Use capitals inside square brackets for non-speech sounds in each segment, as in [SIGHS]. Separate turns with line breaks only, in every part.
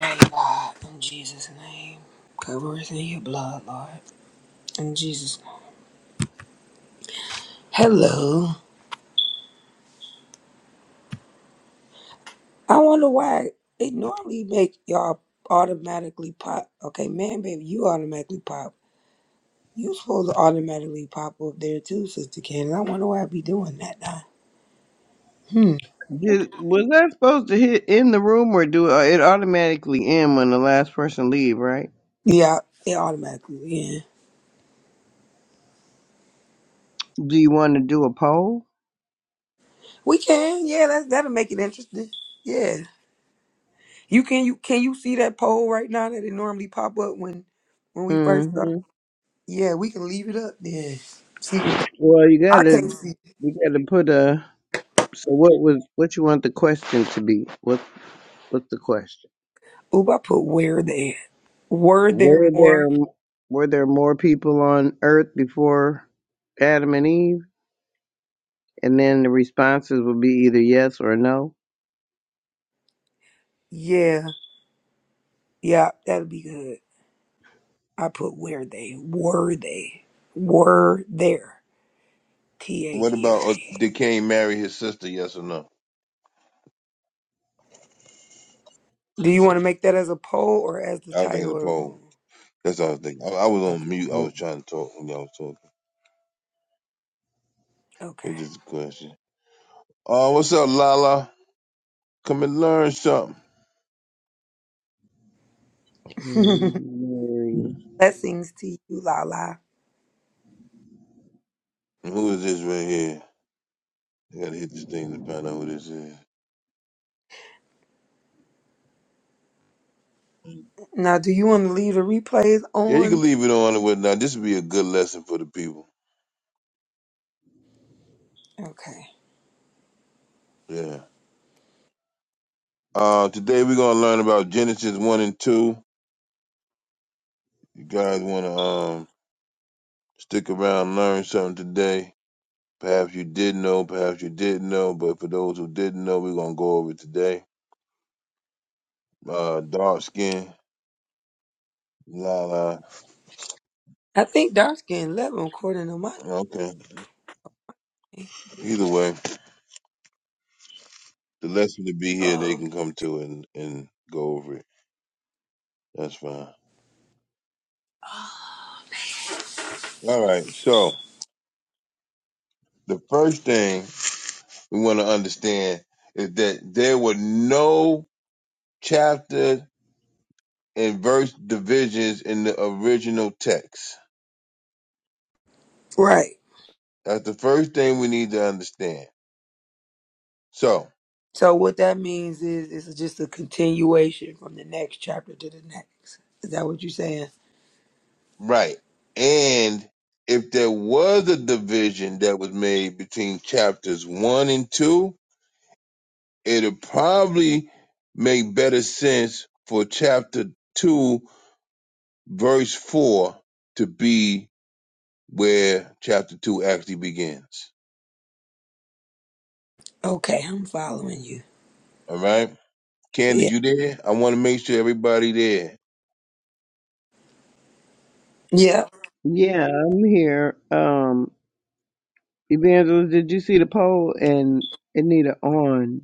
Pray, God, in Jesus' name. Cover us in your blood, Lord. In Jesus' name. Hello. I wonder why it normally make y'all automatically pop. Okay, man, baby, you automatically pop. You supposed to automatically pop up there too, Sister Cannon. I wonder why I be doing that now. Hmm.
Did, was that supposed to hit in the room or do uh, it automatically end when the last person leave? Right?
Yeah, it automatically. Yeah,
Do you want to do a poll?
we can. Yeah, that that'll make it interesting. Yeah, you can. You can you see that poll right now that it normally pop up when when we
hmm
first start. Yeah, we can leave it up then. See what the,
Well, you
I
gotta
can't see.
you gotta put a. So what was what you want the question to be? What what's the question?
Oop, I put where there. Were there
Were there
more?
were there more people on Earth before Adam and Eve? And then the responses would be either yes or no.
Yeah, yeah, that'll be good. I put where they were they were there. T A
What
G R
about uh,
E.
did Kane marry his sister? Yes or no?
Do you want to make that as a poll or as the
I was thinking
title
the
of the
poll.
room?
That's what I was thinking. I, I was on mute. I was
Okay,
trying to talk when y'all was talking.
Okay.
It's just a question. Uh, what's up, Lala? Come and learn something.
Okay.
Mary.
[LAUGHS] Blessings to you, Lala.
Who is this right here? I gotta hit this thing to find out who this is.
Now, do you want to leave the replays
Yeah, you can
on?
leave it on and whatnot. This would be a good lesson for the people.
Okay.
Yeah. Uh, today we're gonna learn about Genesis one and two. You guys wanna um stick around, learn something today. Perhaps you did know, perhaps you didn't know, but for those who didn't know, we're gonna go over it today. Uh, dark skin, la la.
I think dark skin level according to my.
Okay. Either way, the lesson to be here, they
Oh,
can come to and and go over it. That's fine. All right. So the first thing we want to understand is that there were no chapter and verse divisions in the original text.
right.
That's the first thing we need to understand. So
So what that means is it's just a continuation from the next chapter to the next. Is that what you're saying?
Right. And if there was a division that was made between chapters one and two, it'd probably make better sense for chapter two, verse four, to be where chapter two actually begins.
Okay, I'm following you.
All right?
Yeah.
Candid, you there? I want to make sure everybody there.
Yeah.
Yeah, I'm here. Um, Evangelist, did you see the poll and Anita on?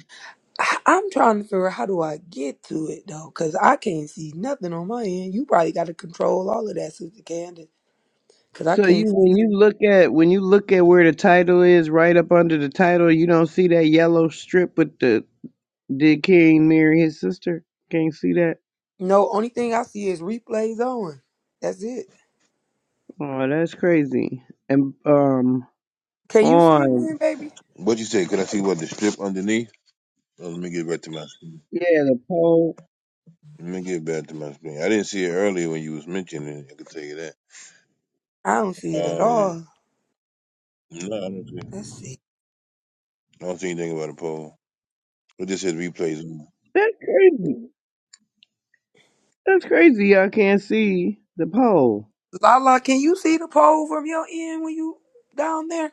I- I'm trying to figure out how do I get to it though, because I can't see nothing on my end. You probably got to control all of that, Sister Candace, because I
So you
can't. see
when
nothing.
you look at when you look at where the title is, right up under the title, you don't see that yellow strip with the did King marry his sister? Can't see that.
No, only thing I see is replays on. That's it.
Oh, that's crazy. And um
Can you see it,
on
man, baby?
What you say? Can I see what the strip underneath? Oh, let me get back to my screen.
yeah, the poll.
Let me get back to my screen. I didn't see it earlier when you was mentioning it. I can tell you
I don't see
that.
it at
Um.
all.
No, I don't see.
Let's see.
I don't see anything about a poll. It just says replays. on.
That's crazy. That's crazy. Y'all can't see the poll.
Lala, can you see the poll from your end when you down there?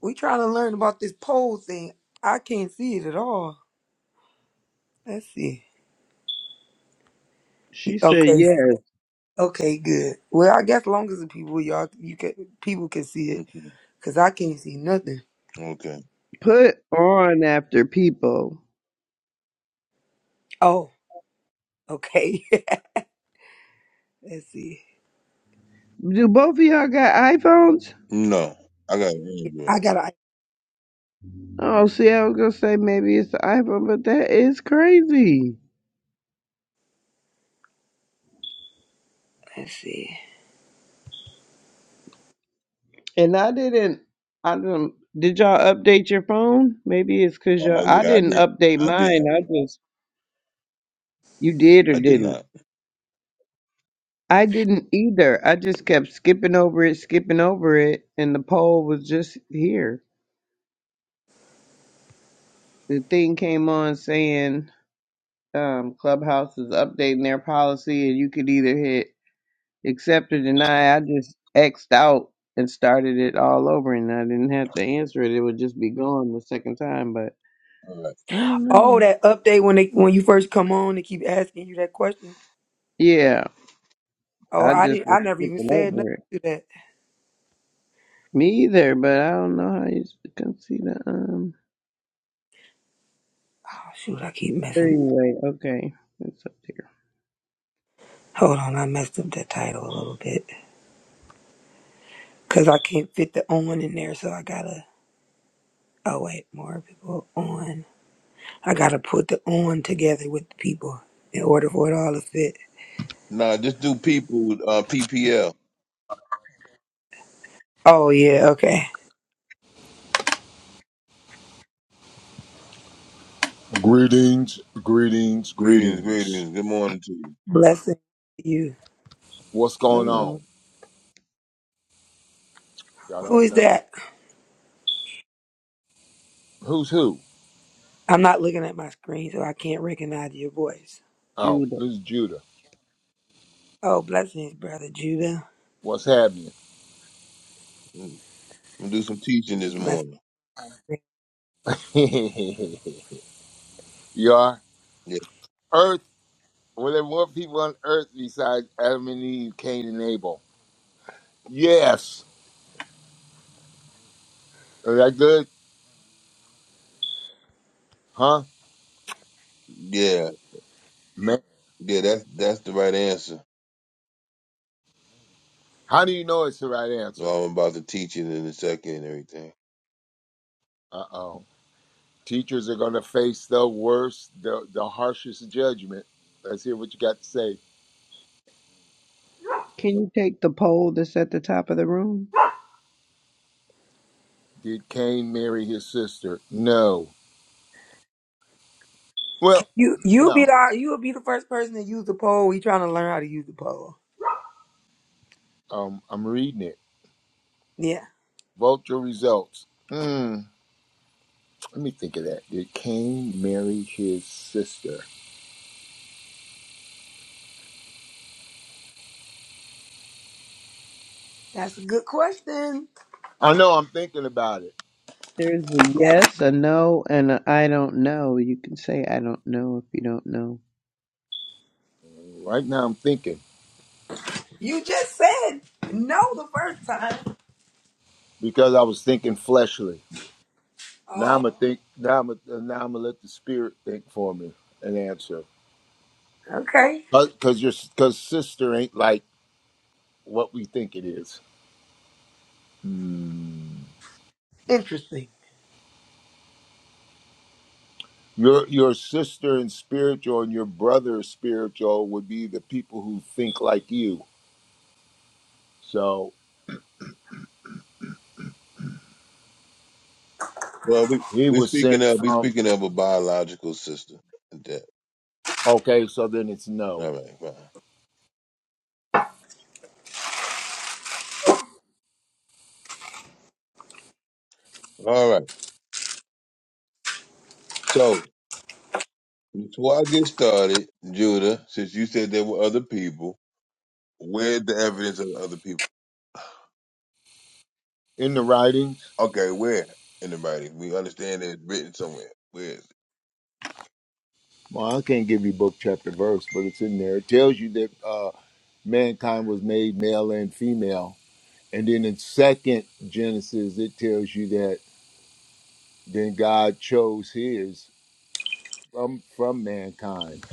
We trying to learn about this pole thing. I can't see it at all. Let's see.
She said,
Okay.
yes.
Okay. Good. Well, I guess long as the people y'all you can people can see it,
Okay.
cause I can't see nothing.
Okay.
put on after people."
Oh. Okay. [LAUGHS] let's see.
Do both of y'all got iPhones?
No, I got Android.
I gotta.
Oh, see, I was gonna say maybe it's the iPhone, but that is crazy.
Let's see.
And I didn't. I didn't. Did y'all update your phone? Maybe it's cause y'all.
Oh
I
yeah, I
didn't
did.
update
I
mine.
didn't.
I just. You did or
I did
didn't?
not.
I didn't either. I just kept skipping over it, skipping over it, and the poll was just here. The thing came on saying um, Clubhouse is updating their policy, and you could either hit accept or deny. I just X'd out and started it all over, and I didn't have to answer it. It would just be gone the second time. But
All right.
I don't
Oh,
know.
that update when they when you first come on, they keep asking you that question.
Yeah,
Oh,
I
I
just
didn't. I
was
never even
skipping
said nothing
over it.
to that.
Me either, but I don't know how you s- can see the um.
Oh shoot! I keep
But
messing.
anyway, okay, it's up here.
Hold on, I messed up that title a little bit, cause I can't fit the on in there, so I gotta. Oh wait, more people on. I gotta put the on together with the people in order for it all to fit.
Nah, just do people with uh, PPL.
Oh yeah, okay.
Greetings, greetings,
Greetings,
greetings.
greetings. Good morning to you.
Blessing to you.
What's going on?
Hello,
Y'all
Who
don't
is
know?
that?
Who's who?
I'm not looking at my screen, so I can't recognize your voice.
Oh,
Judah.
this is Judah.
Oh, blessings, brother Judah.
What's happening?
Mm. I'm gonna do some teaching this
Blessings.
morning.
[LAUGHS] you are
Yeah,
Earth. Were there more people on Earth besides Adam and Eve, Cain and Abel? Yes. Is that good? Huh?
yeah,
Man.
yeah. That's that's the right answer.
How do you know it's the right answer?
Well, I'm about to teach it in a second and everything.
Uh oh. Teachers are going to face the worst, the, the harshest judgment. Let's hear what you got to say.
Can you take the poll that's at the top of the room?
Did Cain marry his sister? No. Well,
You you'll be
no.
the you'll be the first person to use the pole. We trying to learn how to use the pole.
Um, I'm reading it.
Yeah,
Vote your results. Mm, let me think of that. Did Cain marry his sister?
that's a good question.
I know I'm thinking about it
There's a
That
yes, a no, and a I don't know. You can say I don't know if you don't know.
right now. I'm thinking
you just said no the first time.
because I was thinking fleshly. Now I'm
Oh,
gonna think. Now I'm gonna, now I'm gonna let the spirit think for me and answer.
okay.
Because your because sister ain't like what we think it is. Hmm.
Interesting.
Your your sister in spiritual and your brother in spiritual would be the people who think like you. So
Well, we
he
we
was
speaking
sent
of we
from
speaking of a biological sister. That.
Okay, so then it's no.
All right, fine. All right. So Before I get started, Judah, since you said there were other people, where the evidence of the other people?
In the writing,
Okay, where in the writing? We understand that it's written somewhere. Where is it?
well, I can't give you book, chapter, verse, but it's in there. It tells you that uh, mankind was made male and female. And then in second Genesis, it tells you that then God chose his from from mankind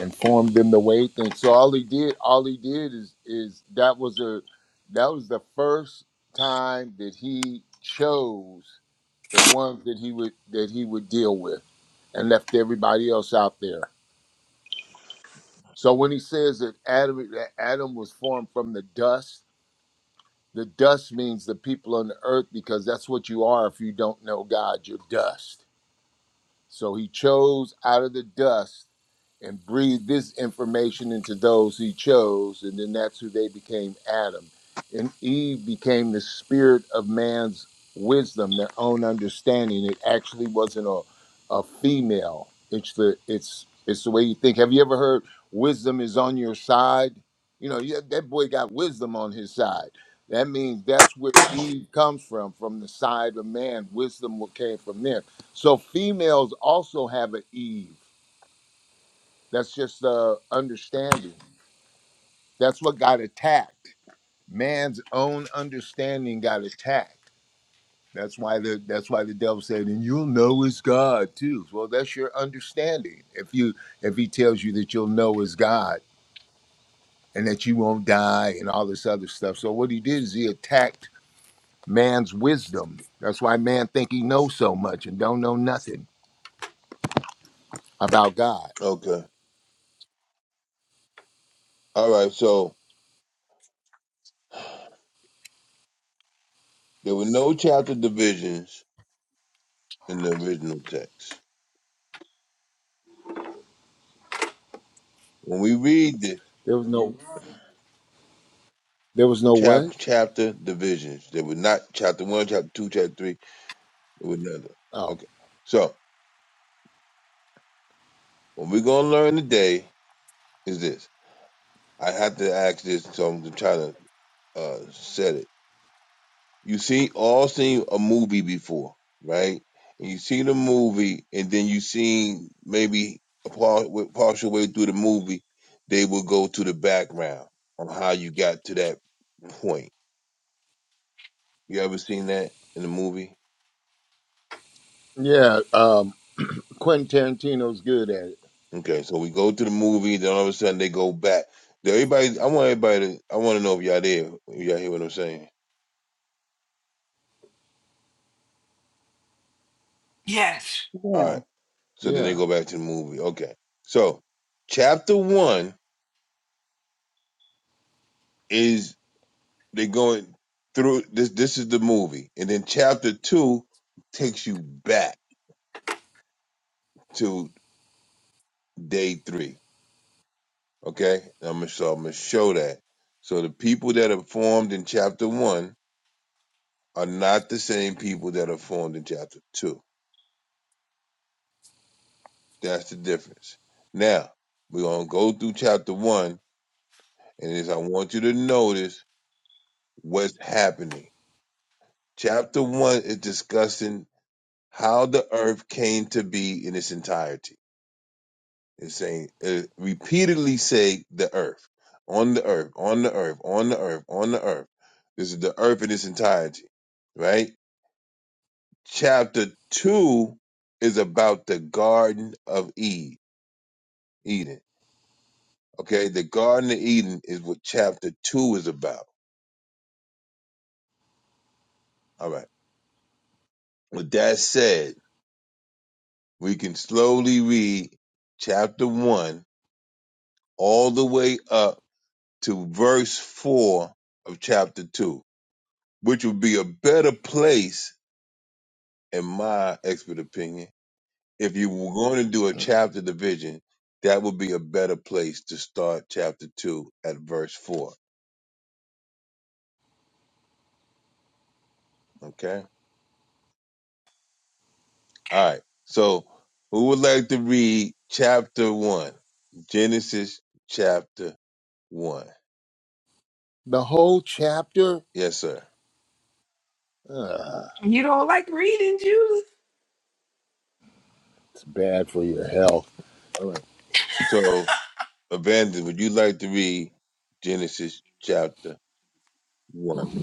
and formed them the way he thinks. So all he did, all he did is is that was a that was the first time that he chose the ones that he would that he would deal with and left everybody else out there. So when he says that Adam that Adam was formed from the dust, the dust means the people on the earth because that's what you are if you don't know God, you're dust. So he chose out of the dust and breathed this information into those he chose, and then that's who they became Adam. And Eve became the spirit of man's wisdom, their own understanding. It actually wasn't a, a female. It's the it's it's the way you think. Have you ever heard wisdom is on your side? You know, yeah, that boy got wisdom on his side. That means that's where Eve comes from, from the side of man. Wisdom what came from them so females also have an Eve. That's just uh, understanding. That's what got attacked. Man's own understanding got attacked. That's why the that's why the devil said, and you'll know is God too. Well, that's your understanding. If you if he tells you that you'll know is God and that you won't die and all this other stuff. So what he did is he attacked man's wisdom. That's why man think he knows so much and don't know nothing about God.
Okay. All right, so there were no chapter divisions in the original text. When we read the
There was no there was no what?
chapter chapter divisions, there were not chapter one, chapter two, chapter three, there were none. of them.
Oh.
Okay. So what we're gonna learn today is this. I have to ask this, so I'm gonna try to uh, set it. you seen all seen a movie before, right? And you seen a movie, and then you seen maybe a par- with- partial way through the movie, they will go to the background on how you got to that point. You ever seen that in a movie?
Yeah, um, Quentin Tarantino's good at it.
Okay, so we go to the movie, then all of a sudden they go back. Then Everybody, I want everybody to, I want to know if y'all there, if y'all hear what I'm saying.
Yes.
All
Yeah.
right, so then they
Yeah,
go back to the movie. Okay, so chapter one is. They're going through this. This is the movie, and then chapter two takes you back to day three. Okay, I'm gonna so I'm gonna show that. So the people that are formed in chapter one are not the same people that are formed in chapter two. That's the difference. Now we're gonna go through chapter one, and is I want you to notice what's happening. Chapter one is discussing how the earth came to be in its entirety It's saying uh, repeatedly say the earth, on the earth, on the earth, on the earth, on the earth. This is the earth in its entirety, right? Chapter two is about the Garden of E- Eden. Okay, the Garden of Eden is what chapter two is about. All right. With that said, we can slowly read chapter one all the way up to verse four of chapter two, which would be a better place in my expert opinion, if you were going to do a chapter division, that would be a better place to start chapter two at verse four. Okay.
Okay.
All right. So who would like to read chapter one? Genesis chapter one.
the whole chapter.
Yes, sir.
Uh,
You don't like reading, Judah.
it's bad for your health.
All right. So Evangelist, would you like to read Genesis chapter one?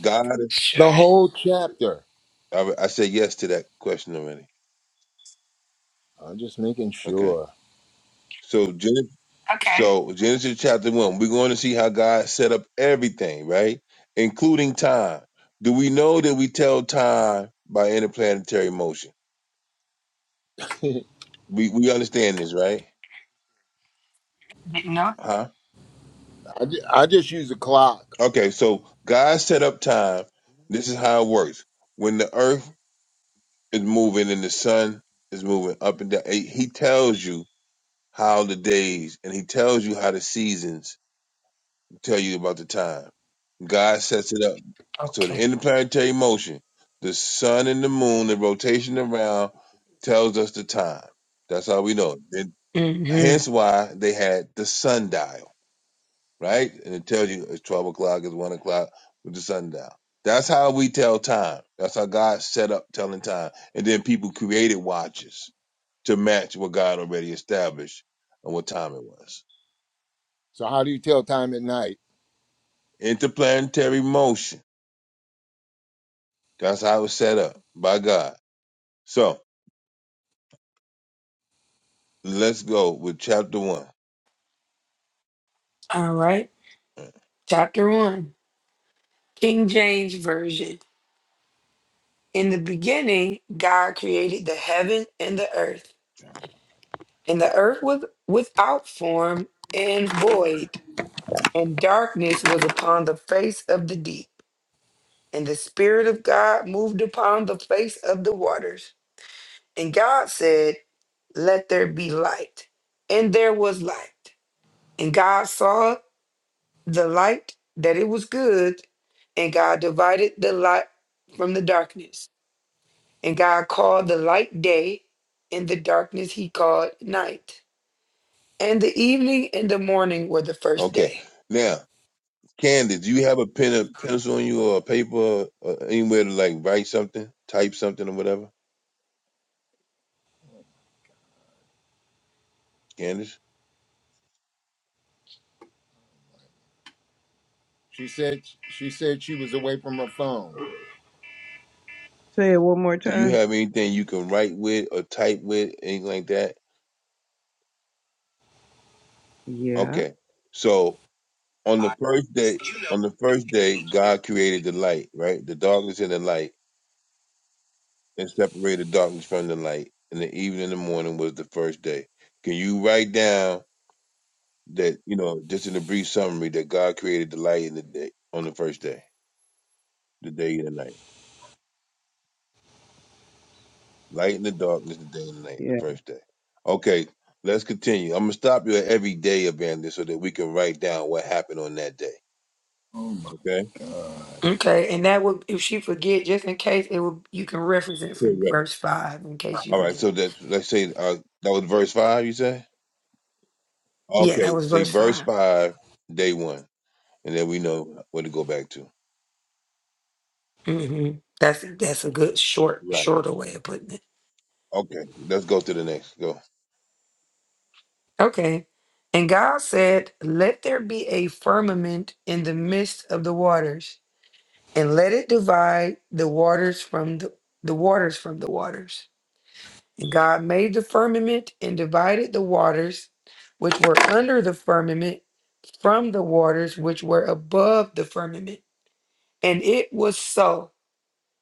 God,
Sure.
The whole chapter.
I, I said yes to that question already.
I'm just making
Okay.
sure.
So Genesis,
Okay.
so Genesis chapter one, we're going to see how God set up everything, right? Including time. Do we know that we tell time by interplanetary motion? We we understand this, right?
You know?
Huh?
I, ju- I just use a clock.
Okay, so God set up time. This is how it works. When the earth is moving and the sun is moving up and down, eh, he tells you how the days and he tells you how the seasons tell you about the time. God sets it up. So the
Okay.
interplanetary motion, the sun and the moon, the rotation around tells us the time. That's how we know. And
hmm
hence why they had the sundial, right? And it tells you it's 12 o'clock, it's 1 o'clock with the sundial. That's how we tell time. That's how God set up telling time. And then people created watches to match what God already established and what time it was.
So how do you tell time at night?
Interplanetary motion. That's how it was set up by God. So Let's go with chapter one.
All right. Chapter one King James Version. In the beginning, God created the heaven and the earth, and the earth was without form and void, and darkness was upon the face of the deep. And the Spirit of God moved upon the face of the waters. And God said, Let there be light. And there was light. And God saw the light that it was good, and God divided the light from the darkness. And God called the light day, and the darkness he called night. And the evening and the morning were the first
Okay.
day.
Now, Candy, do you have a pen and pencil on you or a paper or anywhere to like write something, type something or whatever? Candace,
She said she said she was away from her phone.
Say it one more
do you
time.
have anything you can write with or type with, anything like that?
Yeah.
Okay. So on the
I,
first day,
you
on
know,
the first day, God created the light, right? The darkness and the light, and separated darkness from the light. And the evening and the morning was the first day. Can you write down that you know, just in a brief summary, that God created the light and the day on the first day, the day and the night, light and the darkness, the day and the night, the
Yeah.
first day. Okay, let's continue. I'm gonna stop you at every day, evangelist, so that we can write down what happened on that day. Okay,
Okay, and that would if she forget, just in case it would you can reference it from
correct.
verse five in case you
All right,
forget.
so that let's say uh, that was verse five. You say
Yeah, that
okay.
was
See,
verse
verse
5
five, day one, and then we know where to go back to.
hmm That's that's a good short
Right.
shorter way of putting it.
Okay. Let's go to the next. Go.
Okay. And God said, Let there be a firmament in the midst of the waters, and let it divide the waters from the, the waters from the waters. And God made the firmament and divided the waters which were under the firmament from the waters which were above the firmament. And it was so.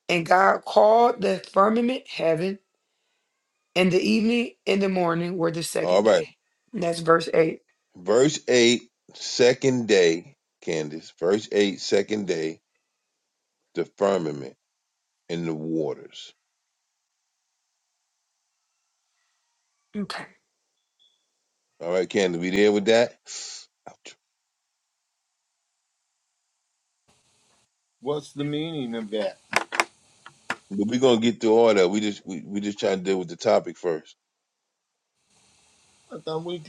And God called the firmament heaven, and the evening and the morning were the
All
second
right.
day. And that's verse 8.
Verse 8, second day, Candace. Verse 8, second day, the firmament and the waters.
Okay.
All right, Candace, we there with that? Ouch.
what's the meaning of that?
But we're gonna get through all that. We just we, we just trying to deal with the topic first.
I thought we.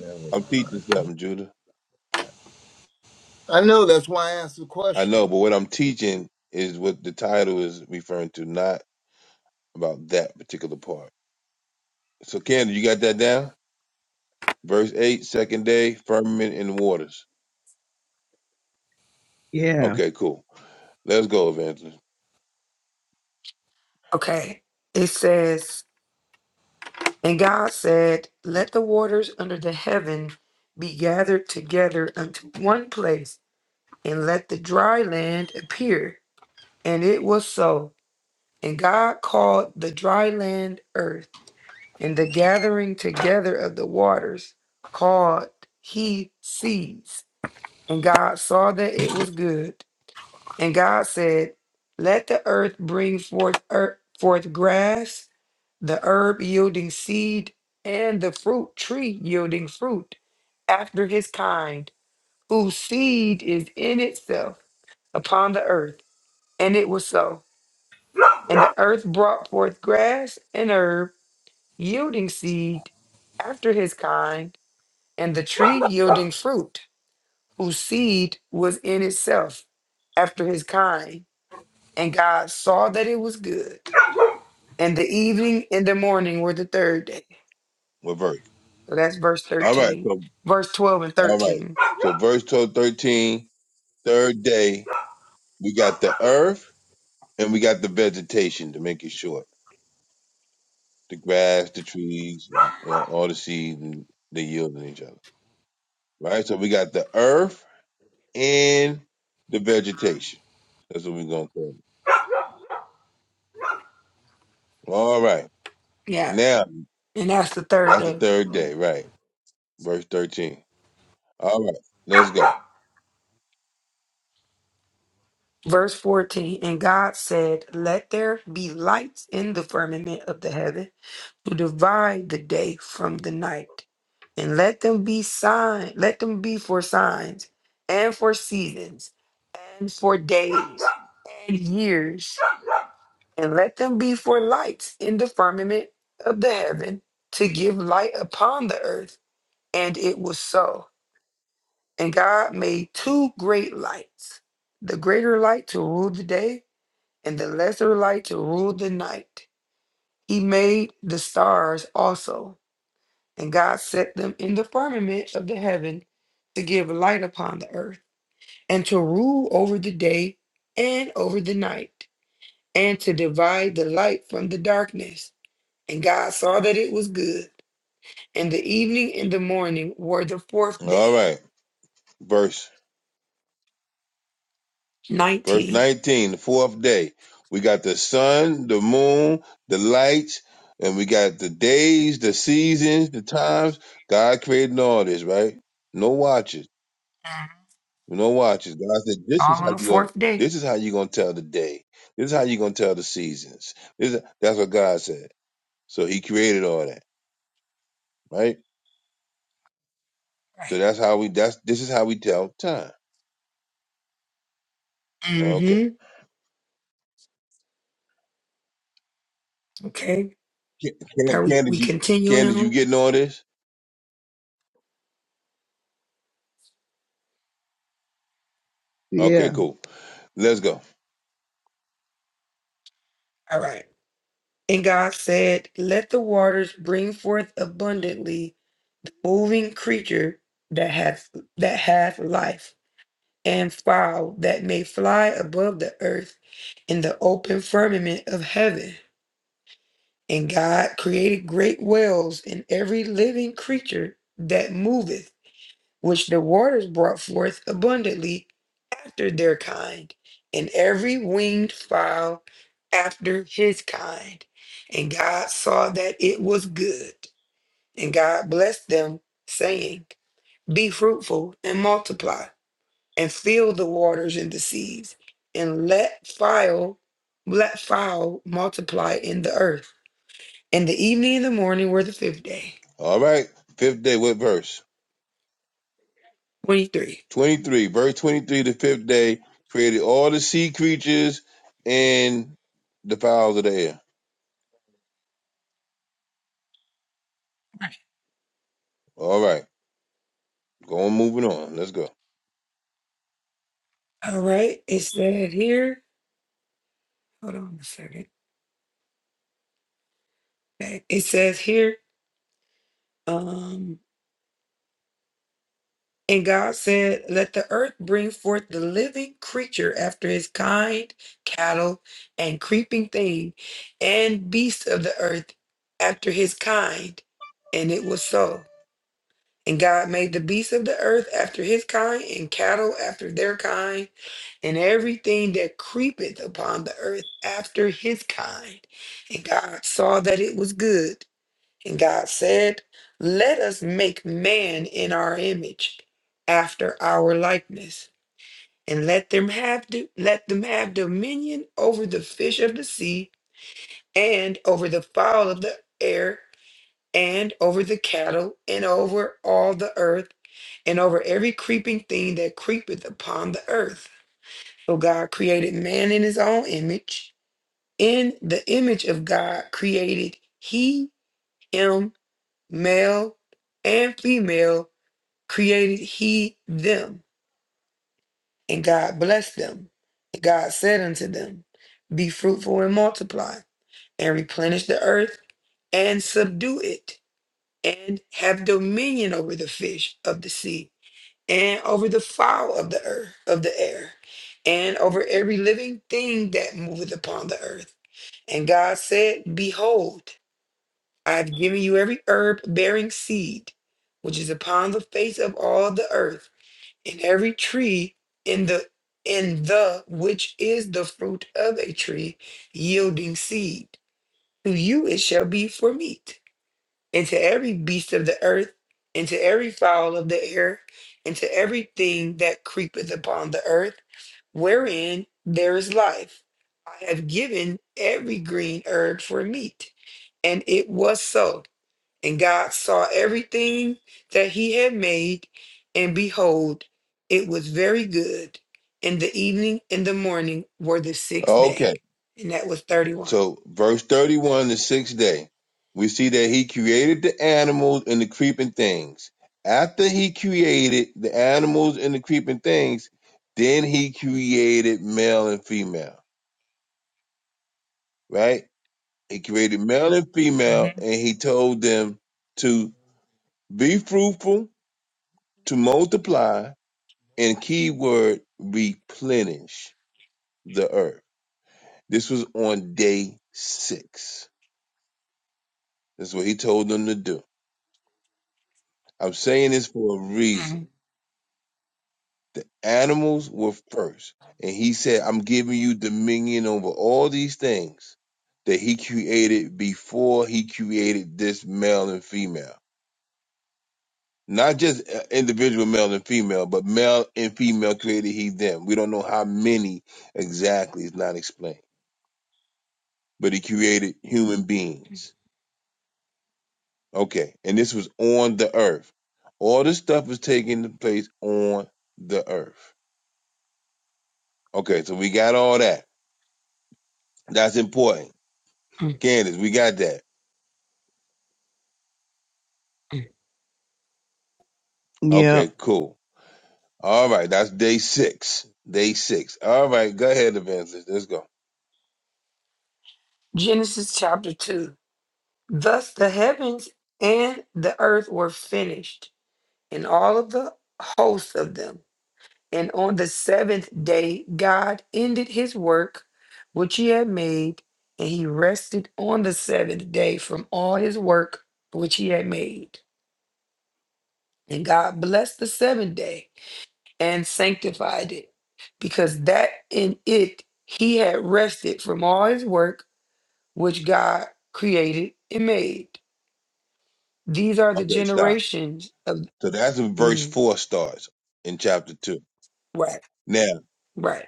Never
I'm teaching
mind.
something, Judah.
I know that's why I asked the
I
question.
know, but what I'm teaching is what the title is referring to, not about that particular part. So Candace, you got that down? Verse 8, second day, firmament and the waters.
Yeah.
Okay, cool. Let's go, Evangelist.
Okay. It says, And God said, Let the waters under the heaven be gathered together unto one place, and let the dry land appear. And it was so. And God called the dry land earth, and the gathering together of the waters called he seas. And God saw that it was good. And God said, Let the earth bring forth, earth, forth grass the herb yielding seed, and the fruit tree yielding fruit after his kind, whose seed is in itself upon the earth. And it was so. And the earth brought forth grass and herb, yielding seed after his kind, and the tree yielding fruit, whose seed was in itself after his kind. And God saw that it was good. And the evening and the morning were the third day.
What verse?
So that's verse
All right,
13,
so
verse 12 and
All right.
13.
So verse 12, thirteen, third day, we got the earth and we got the vegetation to make it short. The grass, the trees, and, you know, all the seeds and they yielding each other. Right? So we got the earth and the vegetation. That's what we're gonna call it. All right.
Yeah.
Now
And that's the third
that's the
day.
third day, right? Verse 13. All right, let's go.
Verse 14 And God said, Let there be lights in the firmament of the heaven to divide the day from the night. And let them be sign, let them be for signs and for seasons and for days and years. And let them be for lights in the firmament of the heaven to give light upon the earth. And it was so. And God made two great lights the greater light to rule the day, and the lesser light to rule the night. He made the stars also, and God set them in the firmament of the heaven to give light upon the earth, and to rule over the day and over the night, and to divide the light from the darkness. And God saw that it was good. And the evening and the morning were the fourth
All
day.
right. Verse Verse
19.
19, the fourth day. We got the sun, the moon, the lights, and we got the days, the seasons, the times. God created all this, right? No watches.
Mhm.
No watches. God said, This is
All on
how
the
you gonna
fourth day.
this is how you're gonna tell the day. This is how you're gonna tell the seasons. This is, that's what God said. So he created all that, right?
right.
So that's how we that's this is how we tell time. Okay.
hmm Okay.
Can, can,
Are we,
Candace,
we
you Candace,
continuing
you
on?
getting all this?
Yeah.
Okay, cool. Let's go.
All right. And God said, Let the waters bring forth abundantly moving creature that hath that hath life, and fowl that may fly above the earth in the open firmament of heaven. And God created great whales and every living creature that moveth which the waters brought forth abundantly after their kind, and every winged fowl after his kind. And God saw that it was good. And God blessed them, saying, Be fruitful and multiply, and fill the waters and the seas, and let fowl, let fowl multiply in the earth. And the evening and the morning were the fifth day.
All right. Fifth day, what verse?
23.
23. Verse 23, the fifth day, created all the sea creatures and the fowls of the air. All right. Going moving on. Let's go.
All right. It said here, hold on a second. Okay, It says here, um, and God said, Let the earth bring forth the living creature after his kind, cattle, and creeping thing, and beasts of the earth after his kind. And it was so. And God made the beasts of the earth after his kind, and cattle after their kind, and everything that creepeth upon the earth after his kind. And God saw that it was good. And God said, Let us make man in our image, after our likeness, and let them have do- let them have dominion over the fish of the sea, and over the fowl of the air, and over the cattle, and over all the earth, and over every creeping thing that creepeth upon the earth. So God created man in his own image. In the image of God created he, him, male, and female created he them, and God blessed them. And God said unto them, Be fruitful and multiply, and replenish the earth, and subdue it, and have dominion over the fish of the sea, and over the fowl of the earth of the air, and over every living thing that moveth upon the earth. And God said, Behold, I have given you every herb bearing seed, which is upon the face of all the earth in every tree in the in the which is the fruit of a tree yielding seed to you it shall be for meat and to every beast of the earth and to every fowl of the air and to everything that creepeth upon the earth wherein there is life i have given every green herb for meat and it was so and God saw everything that he had made, and behold, it was very good. And the evening and the morning were the sixth day.
Okay.
And that was 31.
So verse 31, the sixth day, we see that he created the animals and the creeping things. After he created the animals and the creeping things, then he created male and female, right? He created male and female and he told them to Be fruitful to multiply and keyword replenish the earth. This was on day six. That's what he told them to do. I'm saying this for a reason.
Mm,
The animals were first. And he said, I'm giving you dominion over all these things that he created before he created this male and female. Not just uh, individual male and female, but male and female created he them. We don't know how many exactly is not explained, but he created human beings. Okay, and this was on the earth. All this stuff was taking place on the earth. Okay, so we got all that. That's important.
mm,
Candace, we got that.
mm.
Yeah.
Okay, cool. All right, that's day six. Day six. All right, go ahead, Evangelist. Let's go.
Genesis chapter 2. Thus the heavens and the earth were finished, and all of the hosts of them. And on the seventh day, God ended his work which he had made, and he rested on the seventh day from all his work which he had made. And God blessed the seventh day and sanctified it, because that in it he had rested from all his work which God created and made. These are the
Okay, stop.
generations of.
So that's when verse
mhm,
four starts in chapter two.
right,
Now,
right.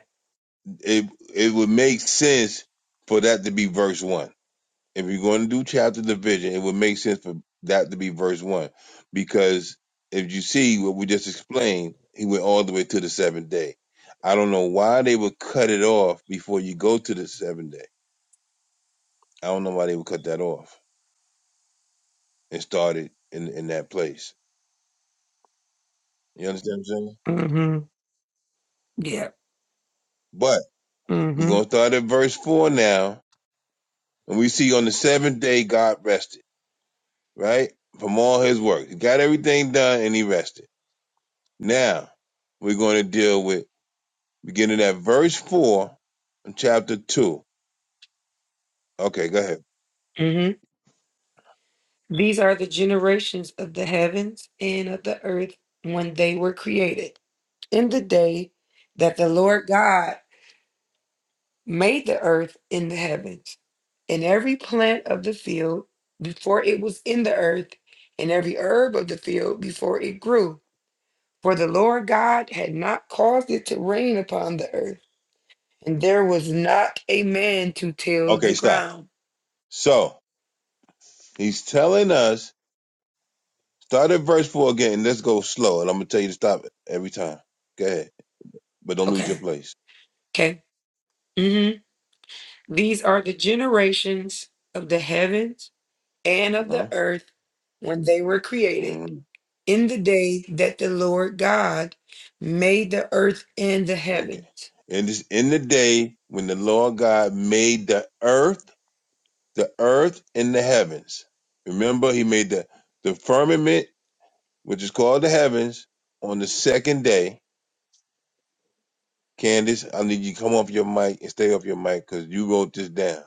it it would make sense for that to be verse one. If you're going to do chapter division, it would make sense for that to be verse one, because if you see what we just explained, he went all the way to the seventh day. I don't know why they would cut it off before you go to the seventh day. I don't know why they would cut that off and start it in in that place. You understand what I'm saying?
hmm Yeah.
But we're
hmm
gonna start at verse four now, and we see on the seventh day God rested. right? From all his work. He got everything done and he rested. Now, we're going to deal with beginning at verse 4 in chapter 2. Okay, go ahead.
hmm These are the generations of the heavens and of the earth when they were created, in the day that the Lord God made the earth and the heavens, and every plant of the field before it was in the earth, and every herb of the field before it grew. For the Lord God had not caused it to rain upon the earth, and there was not a man to till
Okay,
the
stop.
ground.
So, he's telling us, start at verse 4 again, and let's go slow. And I'm going to tell you to stop every time. Go ahead. But don't lose your
Okay,
place.
okay. hmm These are the generations of the heavens and of the
Uh-huh.
earth when they were created,
hmm
in the day that the Lord God made the earth and the
Okay.
heavens.
In this, in the day when the Lord God made the earth, the earth and the heavens. Remember, he made the, the firmament which is called the heavens, on the second day. Candace, I need you to come off your mic and stay off your mic because you wrote this down.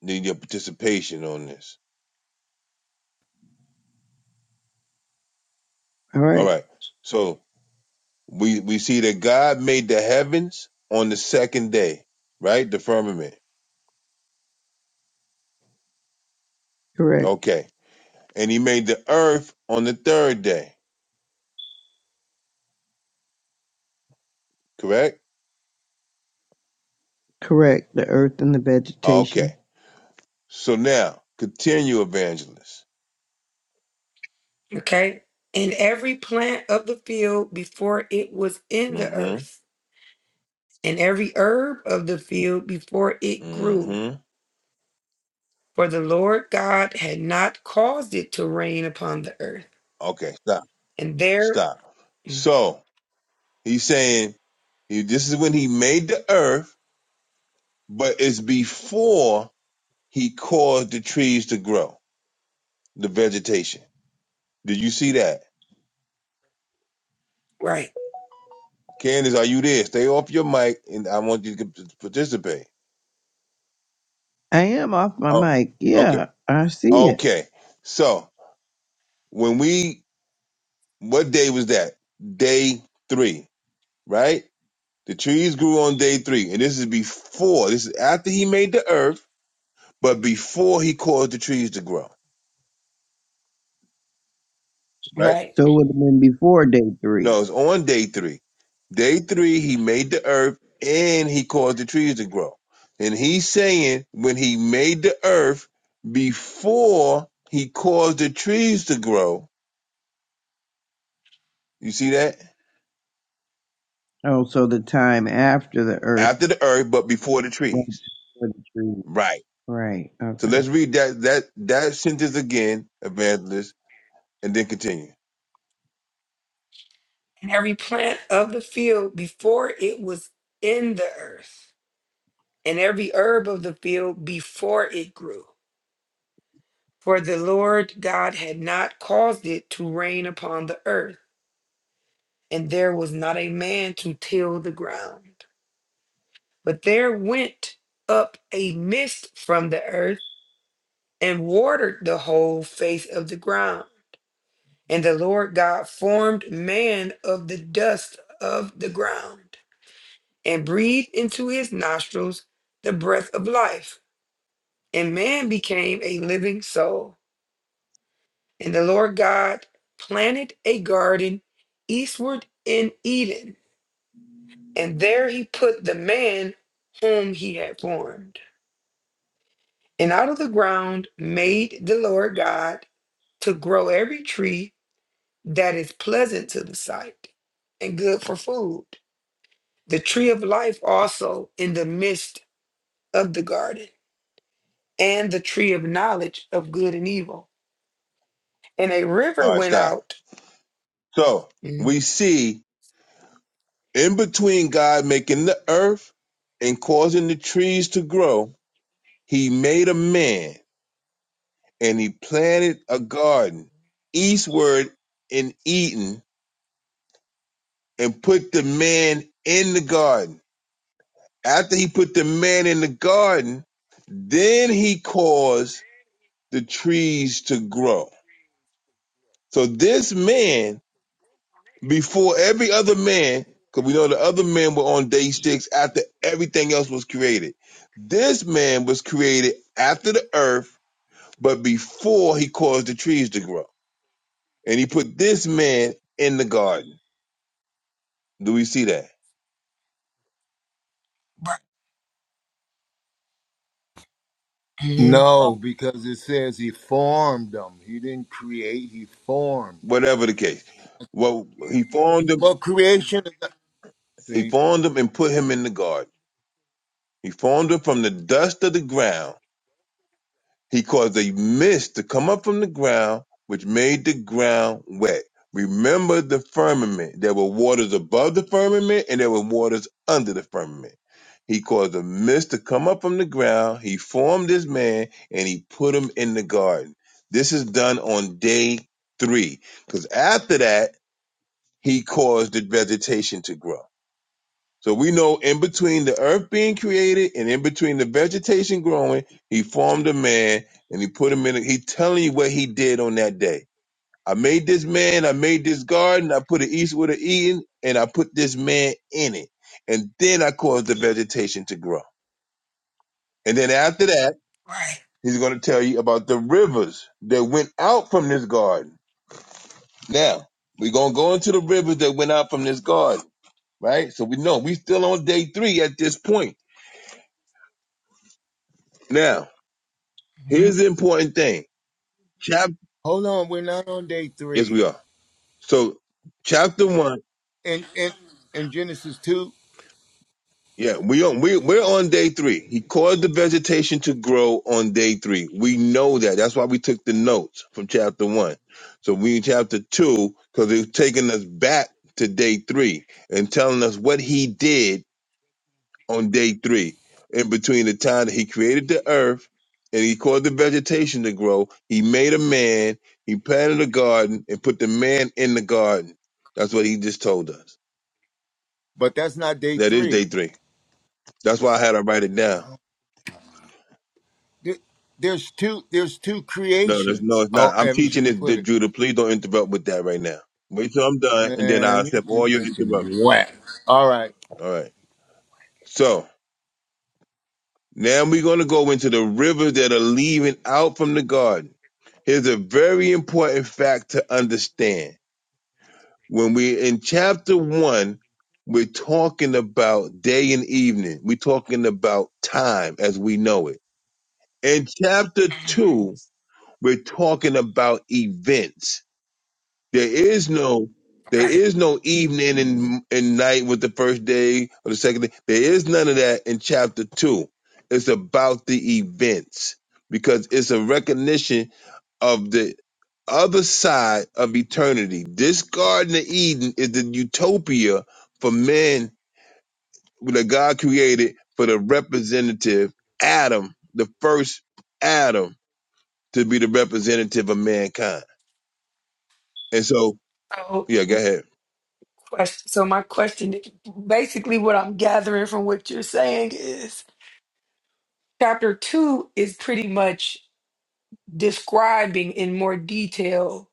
Need your participation on this.
All
All
right.
right. So we we see that God made the heavens on the second day, right? The firmament.
Correct.
Okay. And he made the earth on the third day, correct?
Correct. The earth and the vegetation.
Okay. So now continue, evangelist.
Okay? And every plant of the field before it was in the
Mm-hmm.
earth, and every herb of the field before it grew.
Mm-hmm.
For the Lord God had not caused it to rain upon the earth.
Okay, stop.
And there,
Stop.
Mm.
So he's saying This is when he made the earth, but it's before he caused the trees to grow, the vegetation. Did you see that?
right,
Candace, are you there? Stay off your mic and I want you to participate.
I am off my
Oh,
mic.
okay.
Yeah. I see it.
Okay. So when we, what day was that? Day three, right? The trees grew on day three. And this is before, this is after he made the earth, but before he caused the trees to grow, right?
right.
So it would have been before day three.
No, it's on day three. Day three, he made the earth and he caused the trees to grow. And he's saying when he made the earth before he caused the trees to grow, you see that?
Oh, so the time after the earth
After the earth, but before the
was
trees.
before the tree.
Right.
Right.
So
Okay.
let's read that that that sentence again, evangelist, and then continue.
And every plant of the field before it was in the earth and every herb of the field before it grew. For the Lord God had not caused it to rain upon the earth, and there was not a man to till the ground. But there went up a mist from the earth and watered the whole face of the ground. And the Lord God formed man of the dust of the ground and breathed into his nostrils the breath of life, and man became a living soul. And the Lord God planted a garden eastward in Eden, and there he put the man whom he had formed. And out of the ground made the Lord God to grow every tree that is pleasant to the sight and good for food, the tree of life also in the midst of the garden, and the tree of knowledge of good and evil. And a river
All right,
went
stop.
out.
So
Mm,
we see in between God making the earth and causing the trees to grow, he made a man and he planted a garden eastward in Eden and put the man in the garden. After he put the man in the garden, then he caused the trees to grow. So this man, before every other man, because we know the other men were on day six after everything else was created. This man was created after the earth, but before he caused the trees to grow. And he put this man in the garden. Do we see that?
Right. mhm,
Uh,
No, because it says he formed them. He didn't create, he formed.
Whatever the case. Well, he formed him.
Well, creation,
He
see,
formed him and put him in the garden. He formed him from the dust of the ground. He caused a mist to come up from the ground, which made the ground wet. Remember the firmament. There were waters above the firmament, and there were waters under the firmament. He caused a mist to come up from the ground. He formed this man, and he put him in the garden. This is done on day three, because after that he caused the vegetation to grow. So we know in between the earth being created and in between the vegetation growing, he formed a man and he put him in. A, he telling you what he did on that day. I made this man. I made this garden. I put an east with an Eden, and I put this man in it. And then I caused the vegetation to grow. And then after that,
Right.
he's going to tell you about the rivers that went out from this garden. Now we're going to go into the rivers that went out from this garden right? So we know we still on day three at this point. Now, here's
mhm,
the important thing. Chap
hold on, we're not on day
yes,
three.
we are. So chapter one,
In, in, in Genesis 2,
yeah, we on we we're on day three. He caused the vegetation to grow on day three. We know that. That's why we took the notes from chapter one. So we in chapter two, because it's taking us back to day three and telling us what he did on day three. In between the time that he created the earth and he caused the vegetation to grow, he made a man, he planted a garden, and put the man in the garden. That's what he just told us.
but that's not day
That is day
three.
three. That's why I had to write it down.
There- There's two there's two
No, there's no,
creations,
it's not.
or
I'm
as you
teaching this,
put
D-
it.
Judah. Please don't interrupt with that right now. Wait till I'm done, and then I'll
Man, you're
accept
you
all your
teaching
interruptions.
whack. All right.
All right. So now we're going to go into the rivers that are leaving out from the garden. Here's a very important fact to understand When we're in chapter one, we're talking about day and evening. We're talking about time as we know it. In chapter
mhm.
two, we're talking about events. There is no there
Right.
is no evening and, and night with the first day or the second day. There is none of that in chapter two. It's about the events because it's a recognition of the other side of eternity. This Garden of Eden is the utopia for men that God created for the representative Adam, the first Adam to be the representative of mankind. And so,
So,
yeah, go ahead.
question, so my question, basically, what I'm gathering from what you're saying is, chapter two is pretty much describing in more detail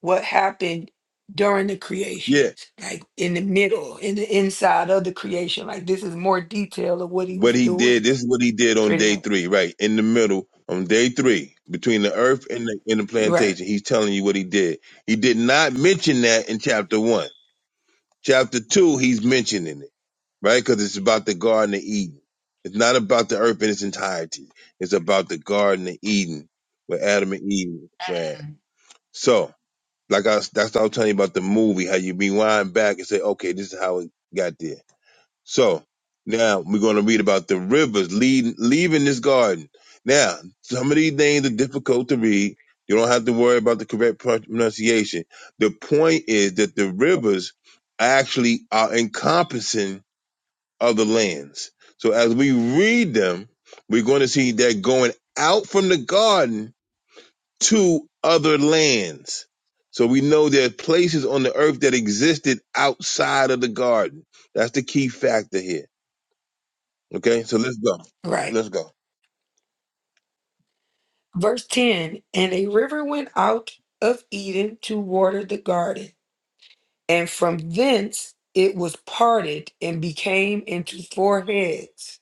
what happened during the creation,
Yeah,
like in the middle, in the inside of the creation. Like this is more detail of what he
what
was
he
doing,
did, this is what he did on
pretty
day
much.
three, right in the middle on day three between the earth and the, and the
Right.
plantation. He's telling you what he did. He did not mention that in chapter one. Chapter two, he's mentioning it. right? Because it's about the Garden of Eden. It's not about the earth in its entirety. It's about the Garden of Eden, where Adam and Eve were. at. So, like I, was- that's what I was telling you about the movie, how you rewind back and say, okay, this is how it got there. So now we're going to read about the rivers leading, leaving this garden. Now, some of these names are difficult to read. You don't have to worry about the correct pronunciation. The point is that the rivers actually are encompassing of the lands. So as we read them, we're going to see that going out from the garden to other lands. So we know there are places on the earth that existed outside of the garden. That's the key factor here. Okay, so let's go.
Right.
Let's go.
Verse ten, and a river went out of Eden to water the garden and from thence it was parted and became into four heads.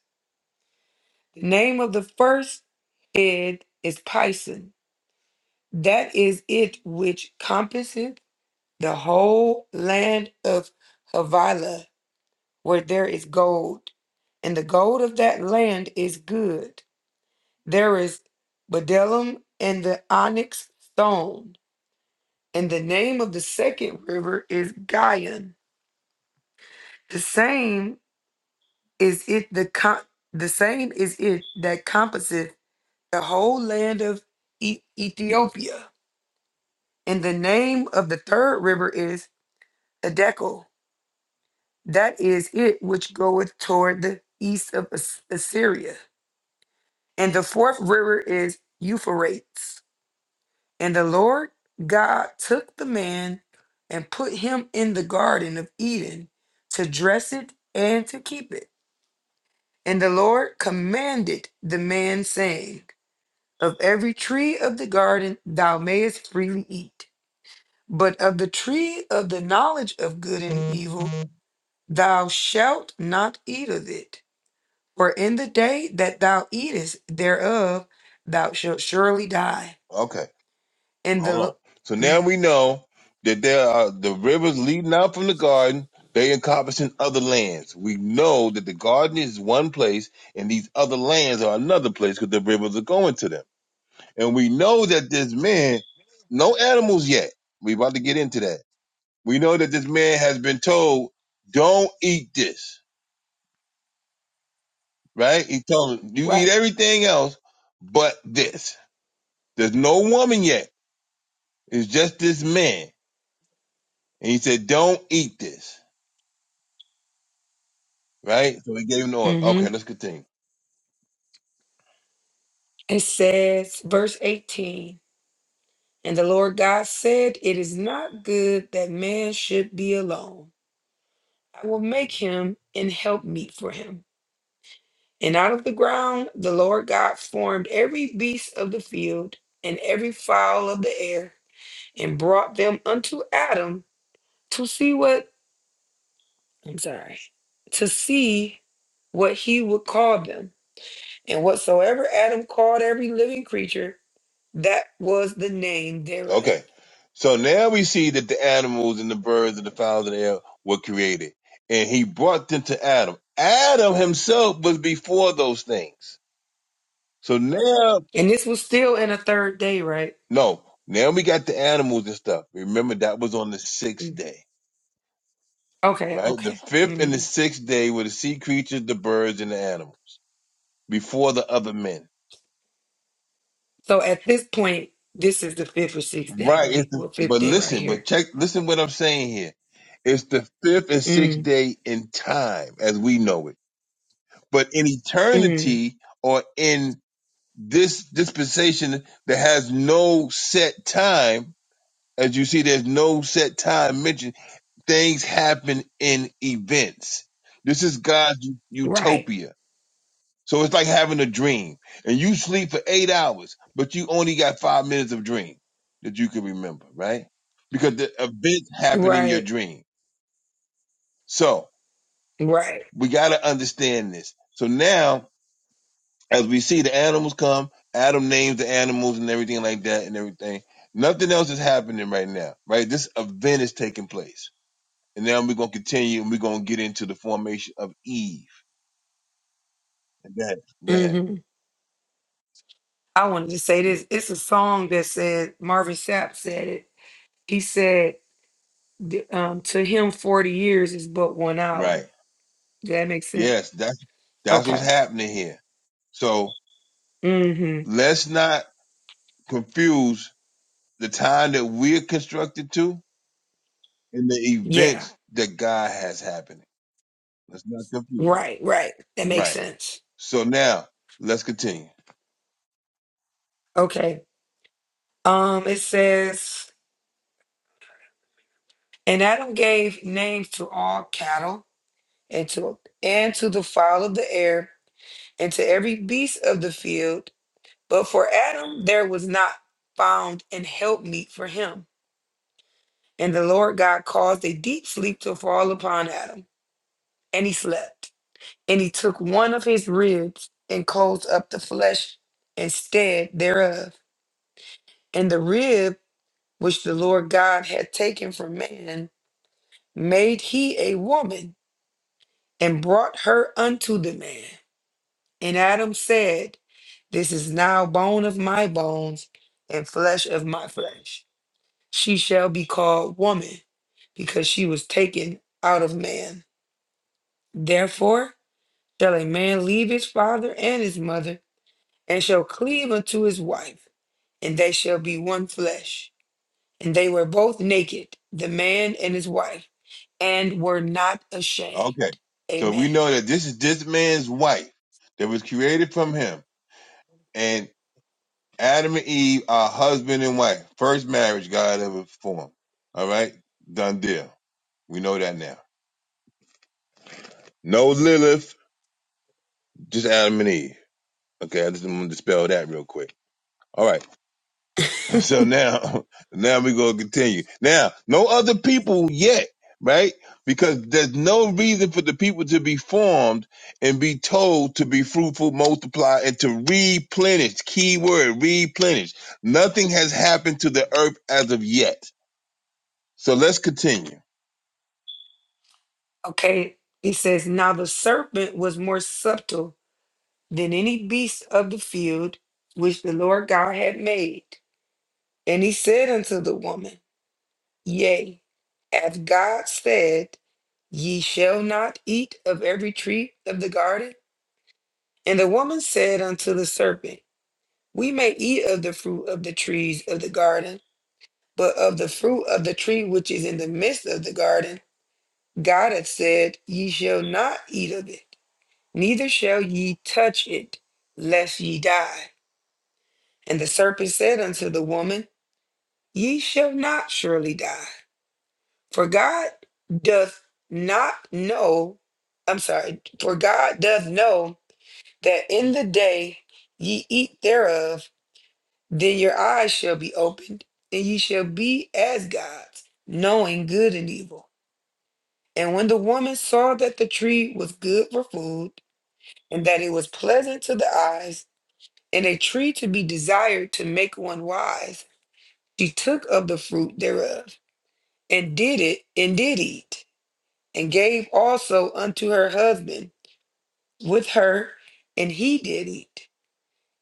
The name of the first head is Pison. That is it which compasseth the whole land of Havilah, where there is gold. And the gold of that land is good. There is bdellium and the onyx stone. And the name of the second river is Gion. The same Is it the com- the same is it that compasseth the whole land of E- Ethiopia? And the name of the third river is Edekel. That is it which goeth toward the east of As- Assyria. And the fourth river is Euphrates. And the Lord God took the man and put him in the garden of Eden to dress it and to keep it. And the Lord commanded the man, saying, Of every tree of the garden thou mayest freely eat, but of the tree of the knowledge of good and evil thou shalt not eat of it. For in the day that thou eatest thereof, thou shalt surely die.
Okay,
And the
hold on.
Lo-
So now we know that there are the rivers leading out from the garden. They encompassing other lands. We know that the garden is one place and these other lands are another place because the rivers are going to them. And we know that this man, no animals yet. We about to get into that. We know that this man has been told, don't eat this, right? He told him, you eat
right,
everything else but this. There's no woman yet. It's just this man. And he said, don't eat this, right? So he gave him the order.
hmm
Okay, let's continue.
it says, verse 18, and the Lord God said, It is not good that man should be alone. I will make him an helpmeet for him. And out of the ground the Lord God formed every beast of the field and every fowl of the air and brought them unto Adam to see what I'm sorry, to see what he would call them. And whatsoever Adam called every living creature, that was the name thereof.
Okay. So now we see that the animals and the birds and the fowls of the air were created. And he brought them to Adam. Adam himself was before those things So now,
And this was still in a third day, right?
no, now we got the animals and stuff. Remember that was on the sixth
Mm.
day,
Okay,
right? The
okay.
fifth and the
Mhm.
sixth day were the sea creatures, the birds, and the animals before the other men.
So at this point, this is the fifth or sixth day,
Right.
right?
It's the,
Well, fifth
but
day right
listen, but
here.
check, listen what I'm saying here. It's the fifth and sixth
Mm,
day in time as we know it, but in
mm.
eternity or in this dispensation that has no set time, as you see, there's no set time mentioned things happen in events. This is God's
Right,
utopia. So it's like having a dream and you sleep for eight hours, but you only got five minutes of dream that you can remember, right? Because the events happen in your
right,
dream. So
right.
we got to understand this. So now, as we see the animals come, Adam names the animals and everything like that and everything. Nothing else is happening right now, right? This event is taking place. And now we're going to continue and we're going to get into the formation of Eve Good. Good.
hmm I wanted to say this. It's a song that said Marvin Sapp said it. He said, th- um, "To him, forty years is but one
Right.
hour." Does that make sense?
Yes, that's that's what's
Okay.
happening here. So
hmm
let's not confuse the time that we're constructed to and the
Yeah.
events that God has happening. Let's not confuse.
Right. Right. That
them.
makes
Right.
sense.
So now let's continue.
Okay. Um, it says, and Adam gave names to all cattle and to and to the fowl of the air and to every beast of the field But for Adam, there was not found an helpmeet for him. And the Lord God caused a deep sleep to fall upon Adam, and he slept. And he took one of his ribs and closed up the flesh instead thereof. And the rib which the Lord God had taken from man made he a woman and brought her unto the man. And Adam said, This is now bone of my bones and flesh of my flesh. she shall be called woman, because she was taken out of man. Therefore shall a man leave his father and his mother, and shall cleave unto his wife, and they shall be one flesh. And they were both naked, the man and his wife, and were not ashamed.
Okay. So
Amen.
we know that this is this man's wife that was created from him, and Adam and Eve are husband and wife, first marriage God ever formed. All right, done deal. We know that now. No Lilith, just Adam and Eve. Okay, I just want to dispel that real quick. All right,
[LAUGHS]
so now, [LAUGHS] now we gonna continue. Now, no other people yet, right? Because there's no reason for the people to be formed and be told to be fruitful, multiply, and to replenish. Key word, replenish. Nothing has happened to the earth as of yet. So let's continue.
Okay, he says, Now the serpent was more subtle than any beast of the field which the Lord God had made. And he said unto the woman, Yea, hath God said, Ye shall not eat of every tree of the garden? And the woman said unto the serpent, We may eat of the fruit of the trees of the garden, but of the fruit of the tree which is in the midst of the garden, God hath said, Ye shall not eat of it, neither shall ye touch it, lest ye die. And the serpent said unto the woman, Ye shall not surely die. For God doth not know, I'm sorry, for God doth know that in the day ye eat thereof, then your eyes shall be opened, and ye shall be as gods, knowing good and evil. And when the woman saw that the tree was good for food, and that it was pleasant to the eyes, and a tree to be desired to make one wise, she took of the fruit thereof, and did it, and did eat and gave also unto her husband with her, and he did eat.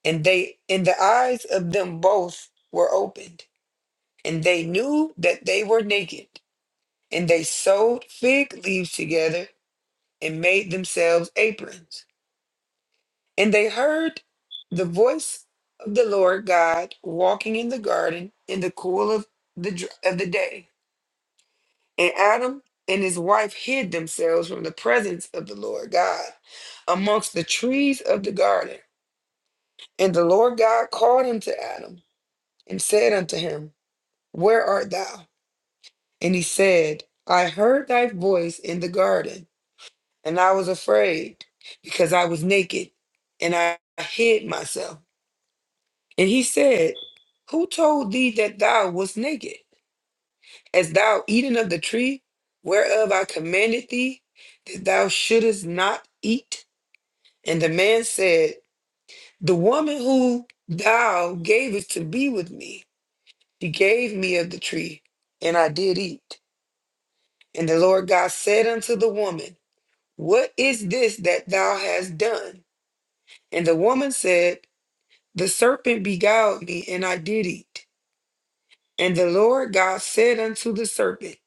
And they and the eyes of them both were opened, and they knew that they were naked, and they sewed fig leaves together and made themselves aprons. And they heard the voice of the Lord God walking in the garden in the cool of the dr- of the day. And Adam and his wife hid themselves from the presence of the Lord God amongst the trees of the garden. And the Lord God called unto Adam and said unto him, Where art thou? And he said, I heard thy voice in the garden, and I was afraid, because I was naked, and I hid myself. And he said, Who told thee that thou wast naked? As thou eaten of the tree whereof I commanded thee that thou shouldest not eat. And the man said, The woman who thou gavest to be with me, she gave me of the tree, and I did eat. And the Lord God said unto the woman, What is this that thou hast done? And the woman said, The serpent beguiled me, and I did eat. And the Lord God said unto the serpent,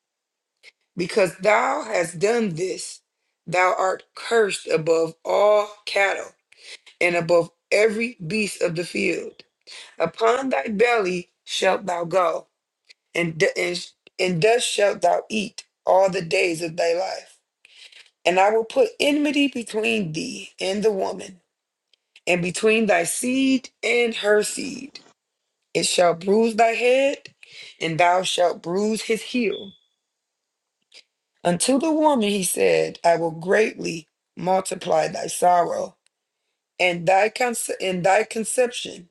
because thou hast done this. Thou art cursed above all cattle and above every beast of the field. Upon thy belly shalt thou go, and, d- and, and dust shalt thou eat all the days of thy life. And I will put enmity between thee and the woman, and between thy seed and her seed. It shall bruise thy head, and thou shalt bruise his heel. Unto the woman he said, I will greatly multiply thy sorrow and thy conce- and thy conception.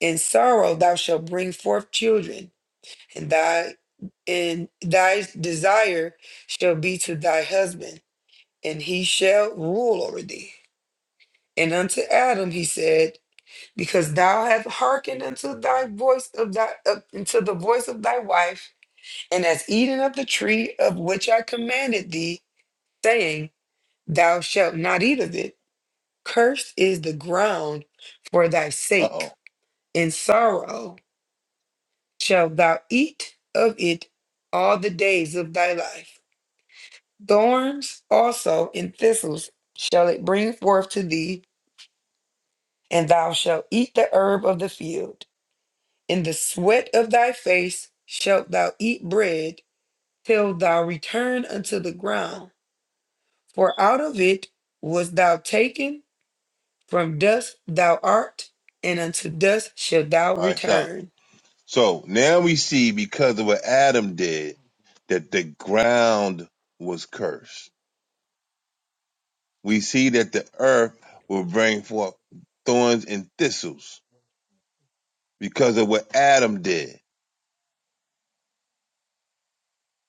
In sorrow thou shalt bring forth children, and thy and thy desire shall be to thy husband, and he shall rule over thee. And unto Adam he said, Because thou hast hearkened unto thy voice of thy uh, unto the voice of thy wife, and hast eaten of the tree of which I commanded thee, saying." Thou shalt not eat of it. Cursed is the ground for thy
Uh
sake.
oh.
In sorrow shalt thou eat of it all the days of thy life. Thorns also and thistles shall it bring forth to thee, and thou shalt eat the herb of the field. In the sweat of thy face shalt thou eat bread till thou return unto the ground, for out of it was thou taken From dust thou art, and unto dust shalt thou
All right, stop.
return.
So now we see because of what Adam did that the ground was cursed. We see that the earth will bring forth thorns and thistles because of what Adam did.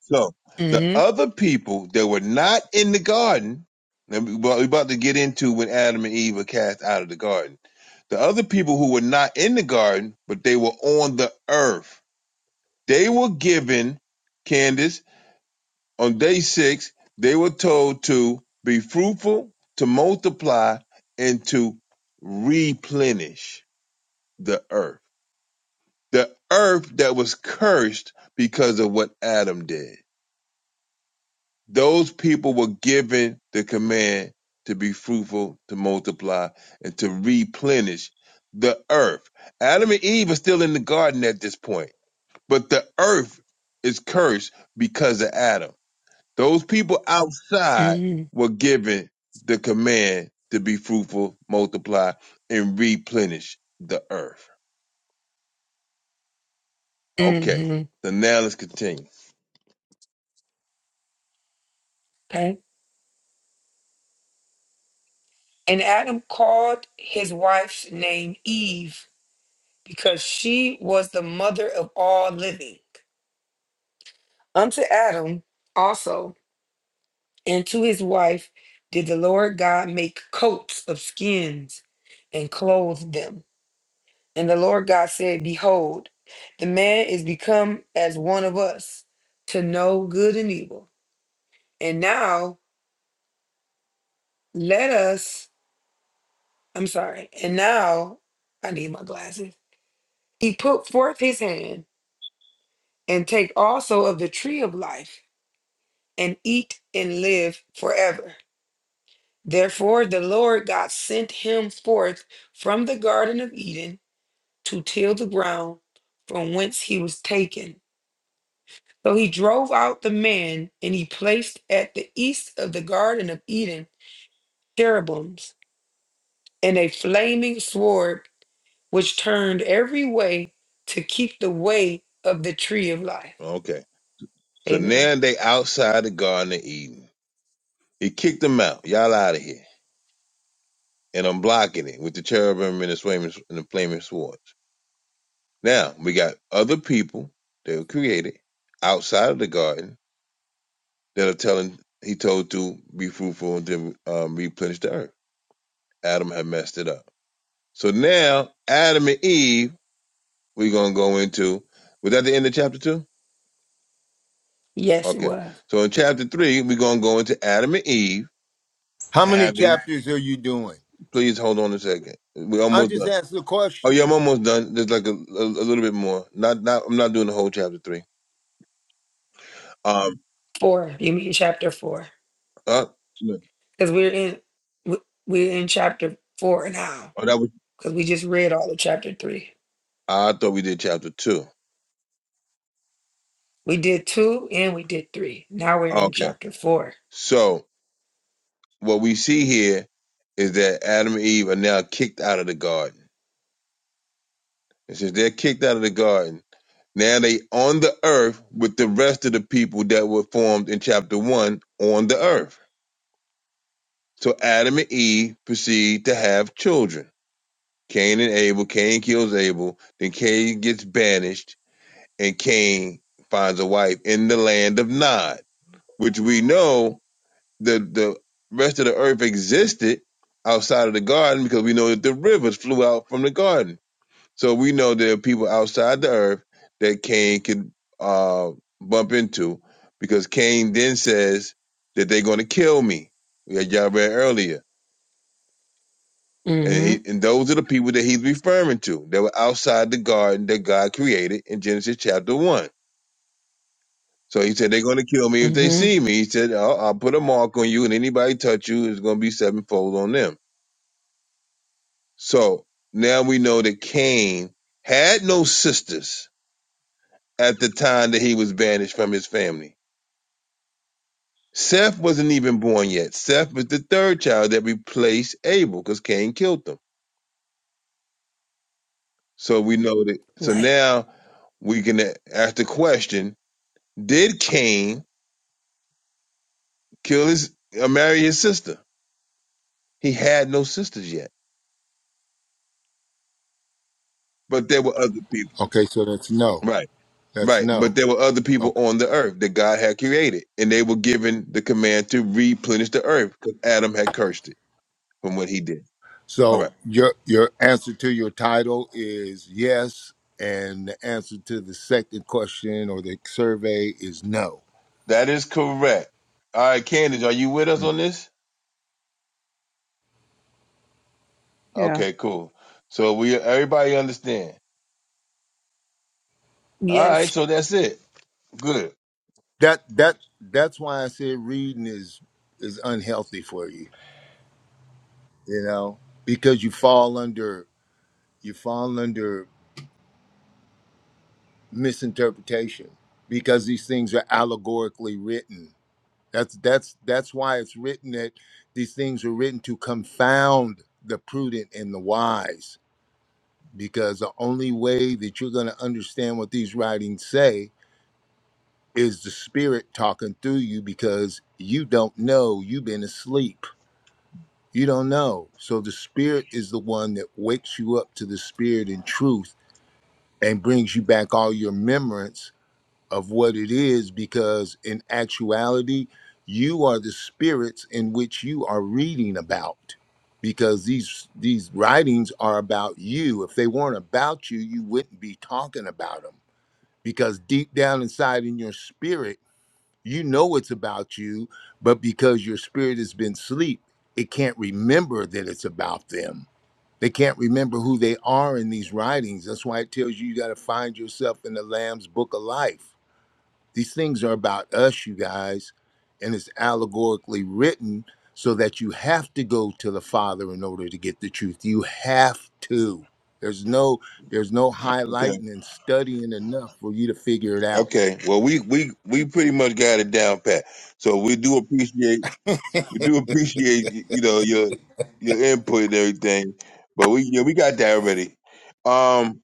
So the
hmm
other people that were not in the garden, and we- we're about to get into when Adam and Eve were cast out of the garden. The other people who were not in the garden, but they were on the earth, they were given, Candace, On day six, they were told to be fruitful, to multiply, and to replenish the earth. The earth that was cursed because of what Adam did. Those people were given the command to be fruitful, to multiply, and to replenish the earth. Adam and Eve are still in the garden at this point, but the earth is cursed because of Adam Those people outside
hmm
were given the command to be fruitful, multiply, and replenish the earth. Okay.
hmm
So now let's continue.
Okay. And Adam called his wife's name Eve, because she was the mother of all living. Unto Adam also and to his wife did the Lord God make coats of skins and clothed them. And the Lord God said, Behold, the man is become as one of us to know good and evil. And now let us, I'm sorry, and now I need my glasses. He put forth his hand and take also of the tree of life and eat and live forever. Therefore, the Lord God sent him forth from the Garden of Eden to till the ground from whence he was taken. So he drove out the man, and he placed at the east of the Garden of Eden cherubims and a flaming sword which turned every way to keep the way of the tree of life.
Okay. So
Amen.
now they outside the Garden of Eden. He kicked them out. Y'all out of here. And I'm blocking it with the cherubim and the flaming, and the flaming swords. Now we got other people that were created outside of the garden that are telling, he told to be fruitful and to um, replenish the earth. Adam had messed it up. So now Adam and Eve, we're gonna go into. Was that the end of chapter two?
Yes, it
Okay.
was.
So in chapter three, we're gonna go into Adam and Eve
How many
having.
chapters are you doing?
Please hold on a second. We're
I am
almost
just
done.
asking a
Oh
question.
yeah, I'm almost done. There's like a, a, a little bit more. Not not. I'm not doing the whole chapter three. Um.
Four. You mean chapter four?
Uh, no.
Because we're in we- we're in chapter four now.
oh, that was.
Because we just read all of chapter three.
I thought we did chapter two.
We did two and we did three. Now we're in
Okay.
chapter four.
So what we see here is that Adam and Eve are now kicked out of the garden. And since they're kicked out of the garden Now they on the earth with the rest of the people that were formed in chapter one on the earth. So Adam and Eve proceed to have children. Cain and Abel, Cain kills Abel, then Cain gets banished, and Cain finds a wife in the land of Nod, which we know the the rest of the earth existed outside of the garden because we know that the rivers flew out from the garden So we know there are people outside the earth that Cain could uh, bump into because Cain then says that they're going to kill me. That y'all read earlier. And, he,
Mm-hmm.
and those are the people that he's referring to. They were outside the garden that God created in Genesis chapter 1. So he said, they're going to kill me if they
Mm-hmm.
see me. He said, I'll, I'll put a mark on you, and anybody touch you is going to be sevenfold on them. So now we know that Cain had no sisters at the time that he was banished from his family. Seth wasn't even born yet. Seth was the third child that replaced Abel because Cain killed them. So we know that. So
Right.
now we can ask the question Did Cain kill his or marry his sister? He had no sisters yet, but there were other people.
Okay, so that's no.
Right,
That's
right.
no.
But there were other people on the earth that God had created, and they were given the command to replenish the earth because Adam had cursed it from what he did. All right.
So your your answer to your title is yes, and the answer to the second question or the survey is no.
That is correct. All right, Candace, are you with us
Mm.
on this?
Yeah.
Okay, cool. So we everybody understand. All right,
Yes.
so that's it. Good.
That that that's why I said reading is is unhealthy for you, you know, because you fall under you fall under misinterpretation because these things are allegorically written. That's that's that's why it's written that these things are written to confound the prudent and the wise because the only way that you're going to understand what these writings say is the spirit talking through you because you don't know you've been asleep you don't know so the spirit is the one that wakes you up to the spirit and truth and brings you back all your remembrance of what it is because in actuality you are the spirits in which you are reading about because these these writings are about you if they weren't about you you wouldn't be talking about them because deep down inside in your spirit you know it's about you but because your spirit has been asleep it can't remember that it's about them they can't remember who they are in these writings that's why it tells you you got to find yourself in the lamb's book of life these things are about us, you guys, and it's allegorically written so that you have to go to the Father in order to get the truth. You have to. There's no there's no
Okay.
highlighting and studying enough for you to figure it out.
Okay. Well, we we we pretty much got it down pat. So we do appreciate we do appreciate you know your your input and everything. But we yeah we got that already. Um,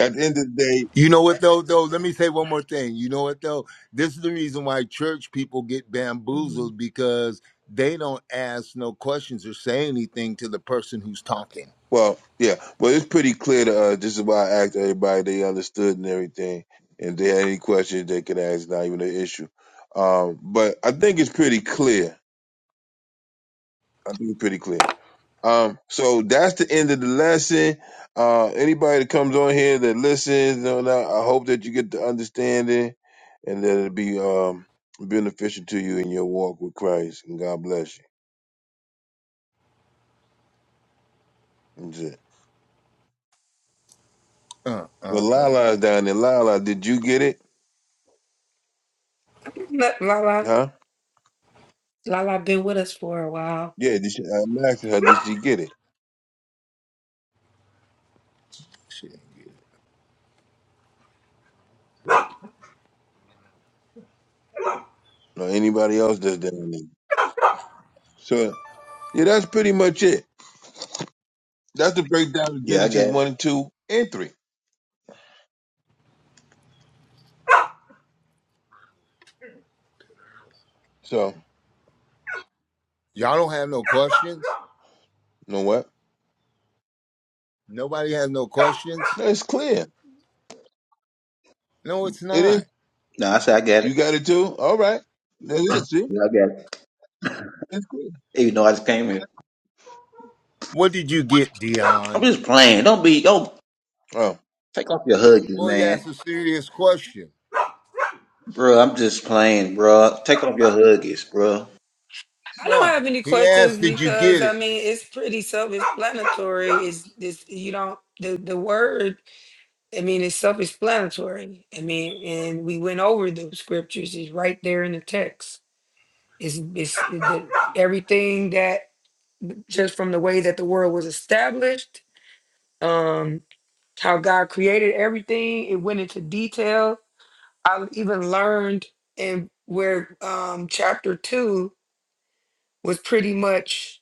at the end of the
You know what though though, let me say one more thing. You know what though? This is the reason why church people get
day.
bamboozled because they don't ask no questions or say anything to the person who's talking.
Well, yeah. Well, it's pretty clear to us. This is why I asked everybody they understood and everything. And they had any questions they could ask, not even an issue. Um, but I think it's pretty clear. I think it's pretty clear. Um, so that's the end of the lesson. Uh, anybody that comes on here that listens, you know, now, I hope that you get the understanding and that it'll be um, beneficial to you in your walk with Christ. And God bless you. That's it.
Uh
Well,
uh uh.
Lala's down there. Lala, did you get it?
[LAUGHS] La la
Huh?
la la been with us for a while.
Yeah, did she, I'm asking her, did she get it?
Shit.
Or anybody else that's down there? So, yeah, that's pretty much it. That's the breakdown of
Yeah, I got
Genesis
it.
1, 2, and 3. So,
Y'all don't have no questions?
you know what?
Nobody has no questions.
That's clear.
No, it's
It
not.
is.
No, I said I got it.
You got it too? All right. That's
[CLEARS THROAT]
it, see?
Yeah, I got it.
It's clear.
Even though I just came here.
What did you get,
I'm
Dion?
just playing. Don't be don't
Oh,
take off your huggies,
Well, he asked
man.
a serious question,
Bro, I'm just playing, bro. Take off your huggies, bro.
I
bro.
don't
bro.
have any
He
questions
asked, "Did you
because
get
Yeah.
I
it?"
mean it's pretty self-explanatory. It's this you don't the the word. I mean it's self-explanatory. I mean, and we went over those scriptures. It's right there in the text. It's it's the everything that just from the way that the world was established, um, how God created everything. It went into detail. I even learned in where um chapter two was pretty much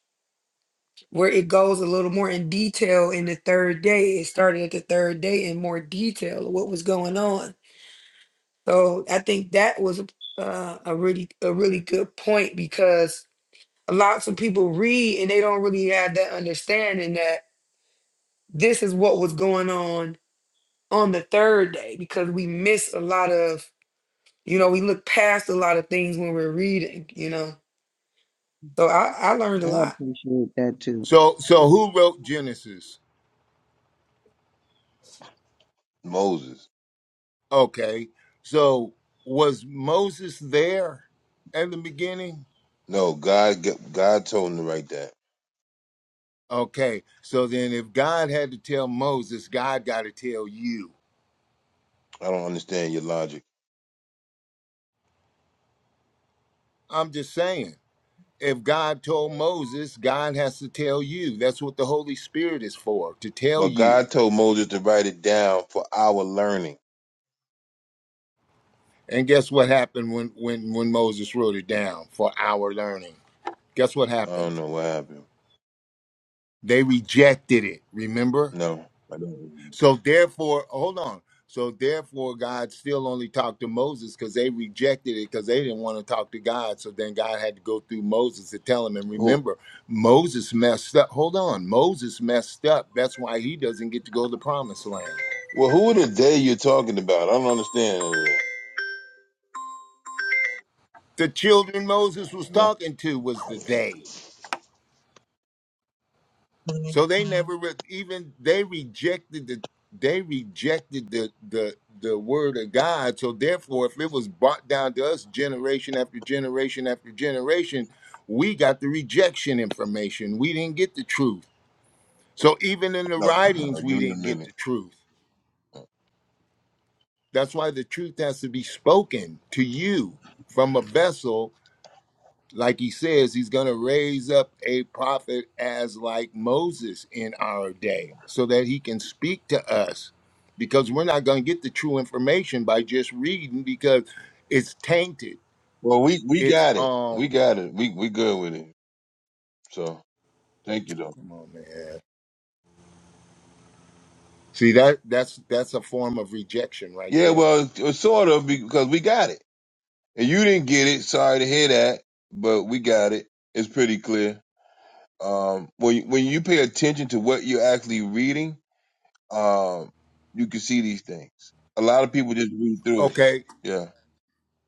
where it goes a little more in detail in the third day. It started at the third day in more detail of what was going on. So I think that was uh, a really a really good point because lots of people read and they don't really have that understanding that this is what was going on on the third day because we miss a lot of you know we look past a lot of things when we're reading you know so I, I learned a
yeah.
I
lot.
appreciate that too.
So,
yeah.
so who wrote Genesis?
Moses.
Okay, so was Moses there at the beginning?
No, God g- God told him to write that.
Okay, so then if God had to tell Moses, God got to tell you.
I don't understand your logic.
I'm just saying, if God told Moses, God has to tell you. That's what the Holy Spirit is for—to tell
But
you
God told Moses to write it down for our learning.
And guess what happened when when when Moses wrote it down for our learning? Guess what
I
happened?
don't know what happened.
They rejected it. Remember?
No, I
So therefore, hold on. So therefore, God still only talked to Moses because they rejected it because they didn't want to talk to God. So then God had to go through Moses to tell him. And
don't.
remember, Moses messed up. Hold on, Moses messed up. That's why he doesn't get to go to the promised land.
Well, who are the they you're talking about? I don't understand.
The children Moses was
What?
talking to was the they. So they never re- even they rejected the they rejected the the the word of God. So therefore, if it was brought down to us generation after generation after generation, we got the rejection information. We didn't get the truth. So even in the
No,
writings,
Uh,
we
give me a
didn't get the
minute.
truth. That's why the truth has to be spoken to you from a vessel like he says, he's going to raise up a prophet as like Moses in our day so that he can speak to us because we're not going to get the true information by just reading because it's tainted.
Well, we we
It's
got it.
um
We got it. We we good with it. So thank you though.
come on man. See that that's that's a form of rejection right
Yeah,
there.
well, it's- it's sort of because we got it, and you didn't get it. Sorry to hear that, but we got it. It's pretty clear. Um, when you- when you pay attention to what you're actually reading, um, you can see these things. A lot of people just read through it.
Okay.
Yeah.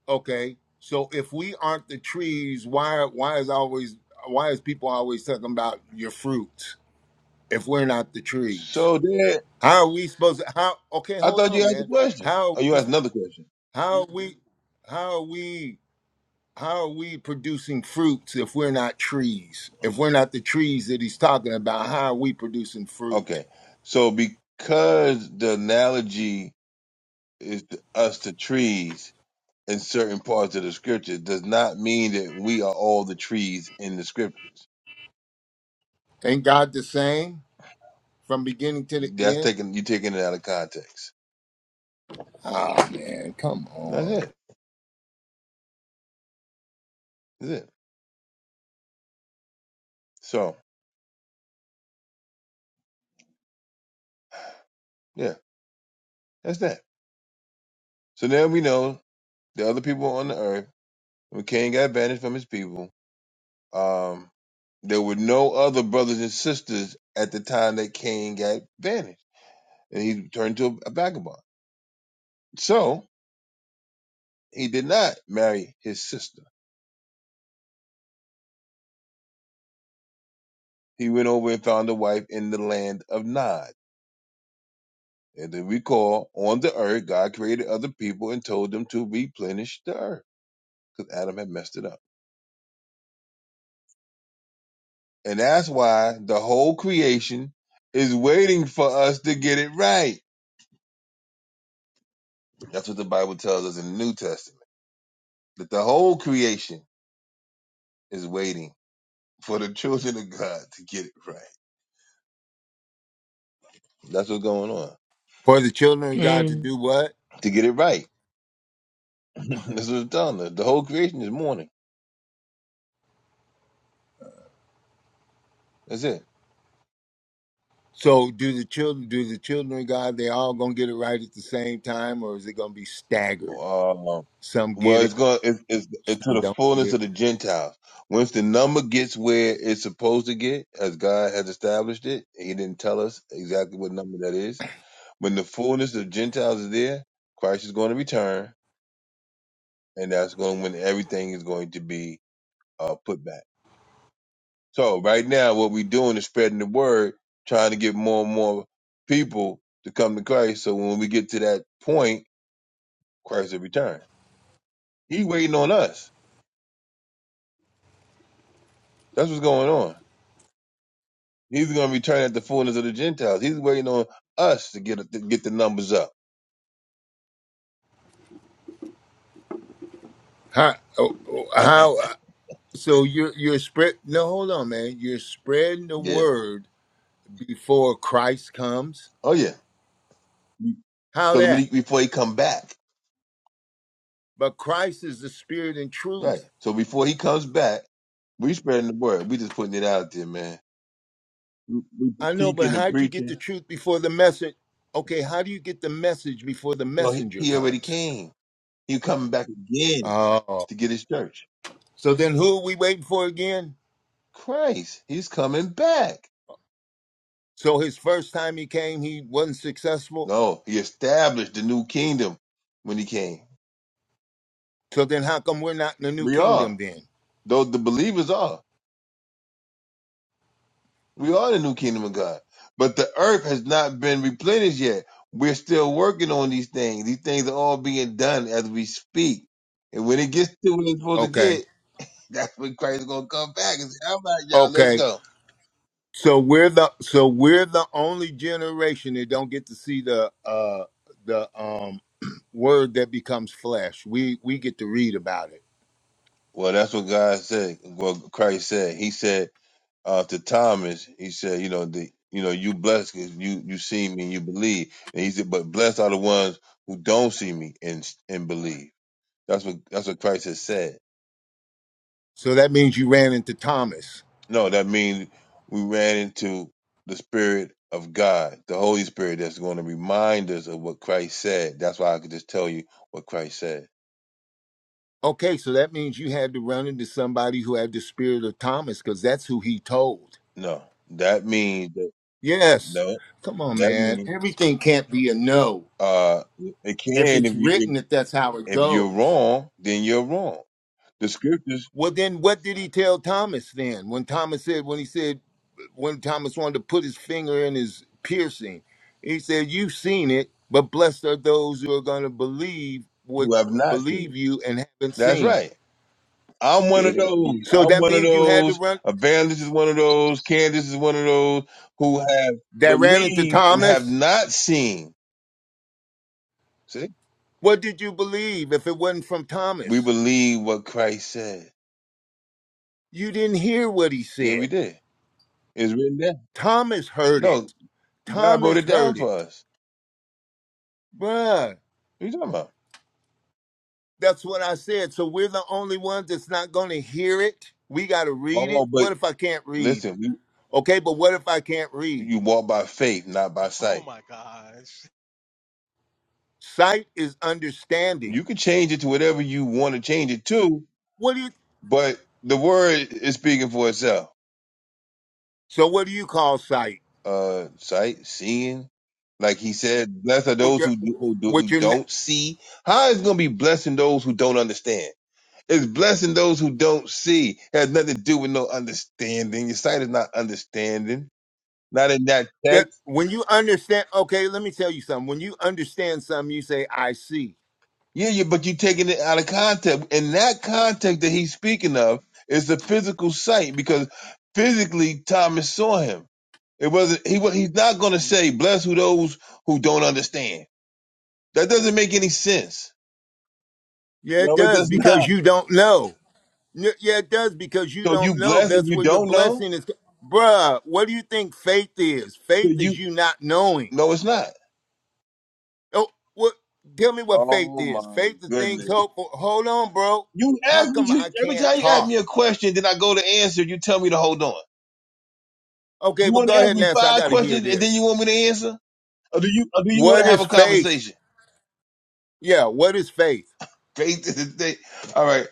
Okay. So if we aren't the trees, why why is always why is people always talking about your fruits if we're not the trees?
So then,
How are we supposed to how okay,
I
hold
thought you
on,
asked a
man.
question.
How are
Oh, you
we
asked another question.
how are we how are we how are we producing fruits if we're not trees? If we're not the trees that he's talking about, how are we producing fruit?
Okay. So because the analogy is to us to trees in certain parts of the scripture does not mean that we are all the trees in the scriptures.
Ain't God the same from beginning to the
That's
end?
taking you taking it out of context.
Ah man, come
That's
on.
it. That's it. So yeah, that's that. So now we know the other people on the earth, when Cain got banished from his people, um, there were no other brothers and sisters at the time that Cain got banished. And he turned to a vagabond. So He did not marry his sister. He went over and found a wife in the land of Nod. And then recall, on the earth, God created other people and told them to replenish the earth because Adam had messed it up. And that's why the whole creation is waiting for us to get it right. That's what the Bible tells us in the New Testament that the whole creation is waiting for the children of God to get it right. That's what's going on.
For the children of God to
Mm.
do what?
To get it right. [LAUGHS] That's what it's telling us. The whole creation is mourning. That's it.
So do the children do the children of God, they all gonna get it right at the same time, or is it gonna be staggered?
Um,
Some
Well,
get it,
it's going it's, it's, it's to
some
the
don't get it.
fullness of the Gentiles. Once the number gets where it's supposed to get, as God has established it, He didn't tell us exactly what number that is. When the fullness of Gentiles is there, Christ is going to return, and that's going when everything is going to be uh, put back. So right now, what we're doing is spreading the word, trying to get more and more people to come to Christ. So when we get to that point, Christ will return. He waiting on us. That's what's going on. He's going to return at the fullness of the Gentiles. He's waiting on us to get to get the numbers up.
How? oh, oh, How?
[LAUGHS]
So you're you're spread? No, hold on, man. You're spreading the
yeah.
word before Christ comes.
Oh yeah.
How
Because when he,
that?
before he come back,
But Christ is the Spirit and
right?
truth.
So before he comes back, we spreading the word. We just putting it out there, man. We, we
I know, but
teaching
how
and
would you get the
preaching.
truth before the message? Okay, how do you get the message before the
Well, he,
messenger
he already
comes?
came. He coming back again
Oh,
to get his church.
so then who are we waiting for again?
Christ, he's coming back.
So his first time he came, he wasn't successful.
No, he established the new kingdom when he came.
So then how come we're not in the new
We
kingdom
are.
then?
Those the believers are. We are the new kingdom of God. But the earth has not been replenished yet. We're still working on these things. These things are all being done as we speak. And when it gets to what it's supposed to
Okay,
get, [LAUGHS] that's when Christ is gonna come back and say, All right, y'all, let's
okay.
go.
So we're the so we're the only generation that don't get to see the uh the um [CLEARS THROAT] word that becomes flesh. We we get to read about it.
Well, that's what God said. What Christ said. He said uh, to Thomas, he said, you know, the you know, you blessed 'cause you you see me and you believe. And he said, But blessed are the ones who don't see me and and believe. That's what that's what Christ has said.
So that means you ran into Thomas.
No, that means we ran into the Spirit of God, the Holy Spirit that's going to remind us of what Christ said. That's why I could just tell you what Christ said.
Okay, so that means you had to run into somebody who had the spirit of Thomas because that's who he told.
No, that means that
Yes.
no,
Come on,
that
man.
means
Everything can't be a no.
uh, it
If
can
it's
if you if,
written if that's how it
if you're
goes.
wrong, then you're wrong. The scriptures
Well, then what did he tell Thomas then? When Thomas said, when he said, when Thomas wanted to put his finger in his piercing, he said, "You've seen it, but blessed are those who are going to believe what
who have not
believe
seen.
you and haven't
That's
seen."
right. I'm one of
It, it,
those.
So
I'm
that
one of
means you had to
those.
run
Evangelist is one of those. Candace is one of those who have
that ran into
believed and have
Thomas.
not seen. See?
What did you believe if it wasn't from
We
Thomas?
believe what Christ said.
You didn't hear what he
Yeah,
said.
we did. It's written down.
Thomas heard
No,
it.
God wrote
Thomas
it down
heard
for
it.
us.
Bruh,
What are you talking about?
That's what I said. So we're the only ones that's not going to hear it. We got to read it.
Oh, but
What if I can't read?
listen, we,
Okay, but what if I can't read?
you walk by faith, not by
Oh
sight.
my gosh.
Sight is understanding.
You can change it to whatever you want to change it to,
What do you?
but the word is speaking for itself.
So what do you call sight?
Uh, sight, seeing, like he said, blessed are
With
those
your,
who, do, who, do, who
with your, ne-
don't see. How is it going to be blessing those who don't understand? It's blessing those who don't see. It has nothing to do with no understanding. Your sight is not understanding. Not in that
yeah,
text.
when you understand. Okay, let me tell you something. When you understand something, you say, "I see."
Yeah, yeah, but you're taking it out of context. In that context that he's speaking of is the physical sight because physically Thomas saw him. It wasn't he. wa- He's not going to say, "Bless who those who don't understand." That doesn't make any sense.
Yeah,
No,
it
it
does
does
because
not.
you don't know. N- Yeah, it does because you
So
don't
you
know.
bless if
That's
you
where your
don't know.
blessing is. Bruh, what do you think faith is?
So
Faith is
you
you not knowing.
no, it's not.
Oh, what? Tell me what faith
Oh
is.
my
Faith is things
goodness.
hopeful. Hold on, bro.
You
How
ask me,
come
you,
I
every
can't
time you ask
talk?
me a question, then I go to answer, you tell me to hold on.
Okay,
You
well,
want to
go
ask
ahead and
me
answer. I
five
got to hear
questions and
this.
then you want me to answer? Or do you, or do you want
What
to have
is
a
faith?
conversation?
Yeah, what is faith?
Okay, [LAUGHS] to this day. All right.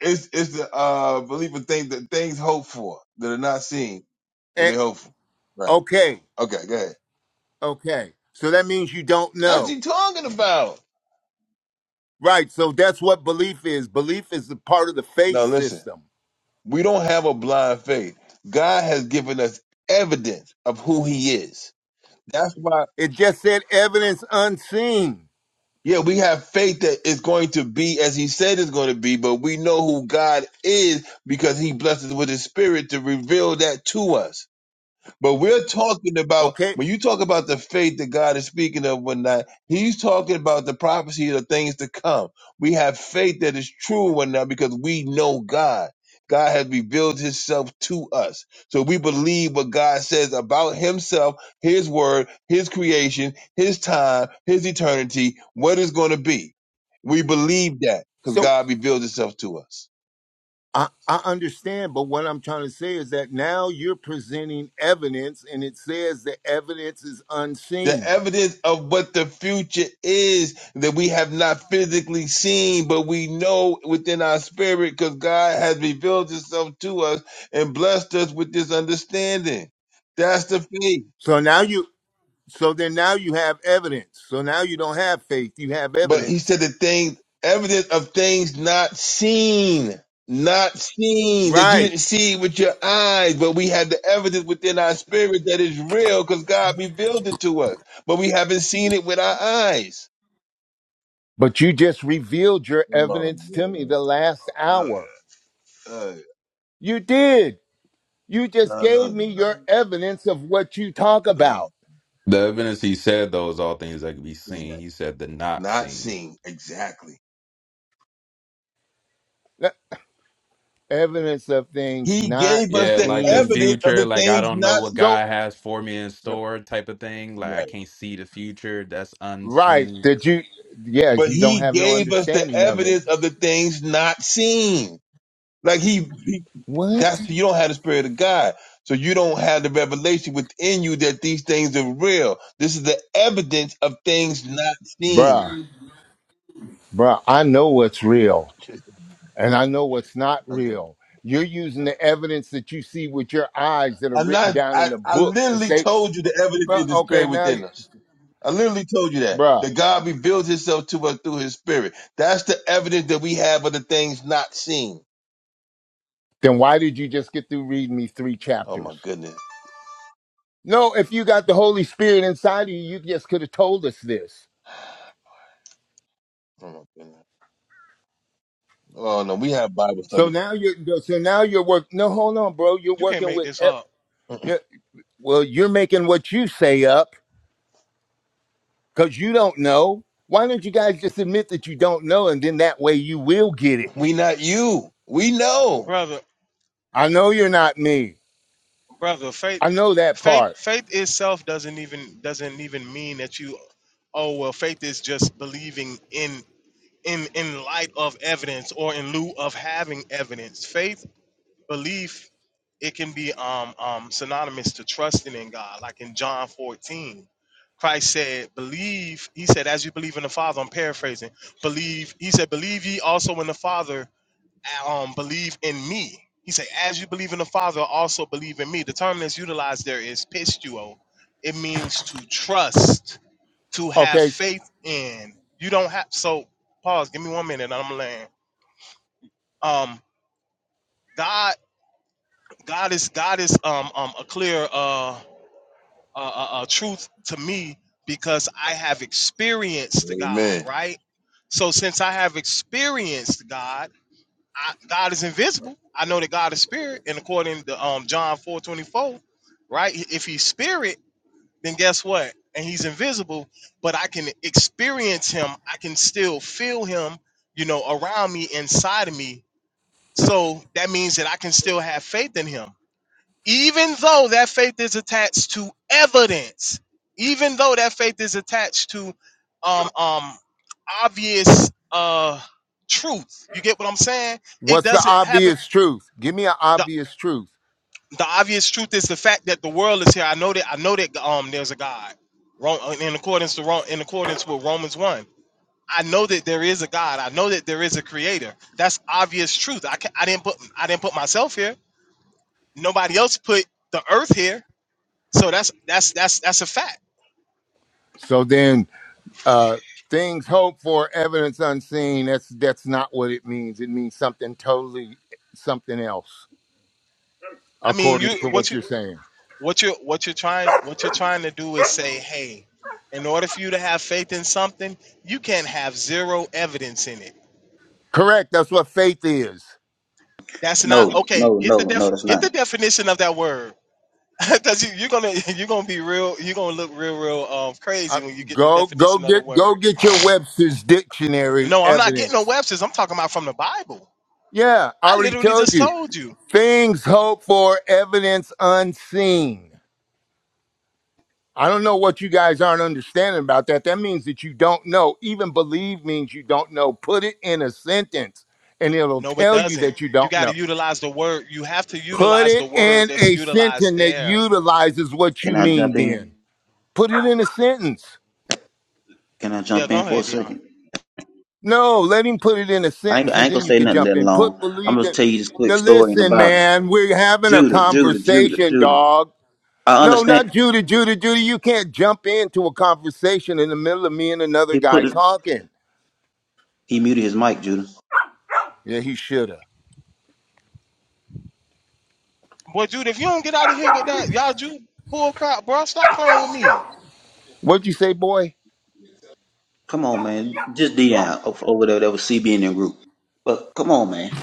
It's, it's the, uh, belief of things that things hoped for that are not seen, but
And,
they hope for. Right.
okay,
Okay, go ahead.
okay. So that means you don't
That's what
know.
you talking about.
Right, so that's what belief is. Belief is a part of the faith
Now listen,
system.
we don't have a blind faith. God has given us evidence of who he is. That's why
It just said evidence unseen.
Yeah, we have faith that it's going to be as he said it's going to be, but we know who God is because he blesses with his spirit to reveal that to us. But we're talking about
Okay,
when you talk about the faith that God is speaking of when that He's talking about the prophecy of things to come. We have faith that is true when now because we know God. God has revealed Himself to us, so we believe what God says about Himself, His Word, His creation, His time, His eternity, what is going to be. We believe that because
so
God revealed Himself to us.
I, I understand, but what I'm trying to say is that now you're presenting evidence and it says the evidence is
the
unseen.
evidence of what the future is that we have not physically seen, but we know within our spirit because God has revealed himself to us and blessed us with this understanding. That's the faith.
So now you so then now you have evidence. So now you don't have faith, you have
But he
evidence.
said the things, evidence of things not seen, not seen, that you
Right.
didn't see with your eyes, but we had the evidence within our spirit that is real because God revealed it to us, but we haven't seen it with our eyes.
But you just revealed your
Oh, my
evidence
God.
to me the last
Oh, God.
hour.
Uh,
You did. You just gave
uh,
me your evidence of what you talk
uh,
about.
The evidence he said though is all things that can be seen.
exact-
He said the not
not
seen.
seen exactly.
The Evidence of things
He
not
gave us
Yeah,
the
like the
seen.
evidence of
future,
the
like I
things
don't know
not
what
seen.
So
God has for me in store type of thing. Like I
Right.
can't see the future. That's
Right.
unseen.
That you, yeah,
But
you don't
he
have no
gave us the
understanding of it.
evidence of the things not seen. Like he, he
What?
that's you don't have the spirit of God. So you don't have the revelation within you that these things are real. This is the evidence of things not seen. [LAUGHS]
Bruh, bruh, I know what's real and I know what's not
Okay.
real. You're using the evidence that you see with your eyes that are
I'm
written
not
down in
I,
the
I
book to
literally
say,
told you the evidence is
bruh,
the
okay,
spirit
now,
within
you,
us. I literally told you that.
bruh,
That God reveals himself to us through his spirit. That's the evidence that we have of the things not seen.
then why did you just get through reading me three
Oh my
chapters?
goodness.
No, if you got the Holy Spirit inside of you, you just could have told us this.
Oh my goodness. Oh no, we have Bible
So
study.
now you're, so now you're work. No, hold on, bro. You're
You can't
working
make
with,
this
ep-
up.
[CLEARS THROAT]
you're, well, you're making what you say up because you don't know. Why don't you guys just admit that you don't know, and then that way you will get it?
We not you. We know.
Brother,
I know you're not me.
brother, faith
I know that
faith
part.
faith itself doesn't even doesn't even mean that you oh well faith is just believing in in in light of evidence or in lieu of having evidence. Faith, belief, it can be um um synonymous to trusting in God, like in John 14. Christ said, believe, he said, as you believe in the Father, I'm paraphrasing, believe, he said, believe ye also in the Father um, believe in me. He said, as you believe in the Father, also believe in me. The term that's utilized there is pistuo. It means to trust, to have
Okay,
faith in. You don't have so pause, give me one minute and I'm laying. Um God God is God is um um a clear uh uh, uh uh, truth to me because I have experienced God,
Amen.
right? So since I have experienced God I, God is invisible. I know that God is spirit, and according to um, John four twenty four, right? If he's spirit, then guess what? And he's invisible, but I can experience him. I can still feel him, you know, around me, inside of me. So that means that I can still have faith in him, even though that faith is attached to evidence, even though that faith is attached to um um obvious uh truth. You get what I'm saying? it
what's the
doesn't have
obvious truth? Give me an
the
obvious truth.
the obvious truth is the fact that the world is here. I know that I know that um there's a God. Ro- uh, In accordance to Ro- in accordance with Romans one, I know that there is a God. I know that there is a Creator. That's obvious truth. I can, I didn't put I didn't put myself here. Nobody else put the Earth here. So that's that's that's that's a fact.
So then, uh, things hoped for, evidence unseen. That's that's not what it means. It means something totally, something else,
I mean,
according
you
to
what
what
you
you're saying.
what you what you're trying what you're trying to do is say, hey, in order for you to have faith in something, you can't have zero evidence in it
Correct. That's what faith is.
That's
no,
not okay.
no,
Get the
no, no,
def
that's
get
not.
the definition of that word. [LAUGHS] Cause you, you're gonna [LAUGHS] you're gonna be real you're gonna look real real um
Uh,
crazy when you get the
go go
definition of the
get go
word.
get your Webster's dictionary
No, I'm not getting no
evidence.
Webster's. I'm talking about from the Bible.
Yeah, I
I
already
literally
told
just
you.
told you.
Things hoped for, evidence unseen. I don't know what you guys aren't understanding about that. That means that you don't know. Even believe means you don't know. Put it in a sentence and it'll
No, it
tell you
doesn't.
that you
You
don't
got to
know.
utilize the word. You have to
Put
utilize
it
the word
in
that's
a
utilized
sentence that
there.
utilizes what
Can
you
I
mean
jump in?
then. Put it in a sentence.
Can I
Yeah,
jump
go
in for a
ahead, Dion.
second?
No, let him put it in a
I ain't,
sentence
I
and
ain't
then
gonna
you
say
can
nothing
jump
that
in. Put
long. I'm
believe
gonna
in.
tell you this
Now
quick story in the
listen,
Bible.
man, we're having a
Judah, Judah, Judah,
conversation,
Judah.
dog.
I
No,
understand.
not Judy. Judy, Judy, you can't jump into a conversation in the middle of me and another
He put
guy
it.
talking.
He muted his mic, Judah.
Yeah, he should have.
Boy, dude, if you don't get out of here with that, y'all, you bull crap, bro. Stop playing with me.
What'd you say, boy?
Come on, man. Just Dion over there. That was CB in the group. But come on, man.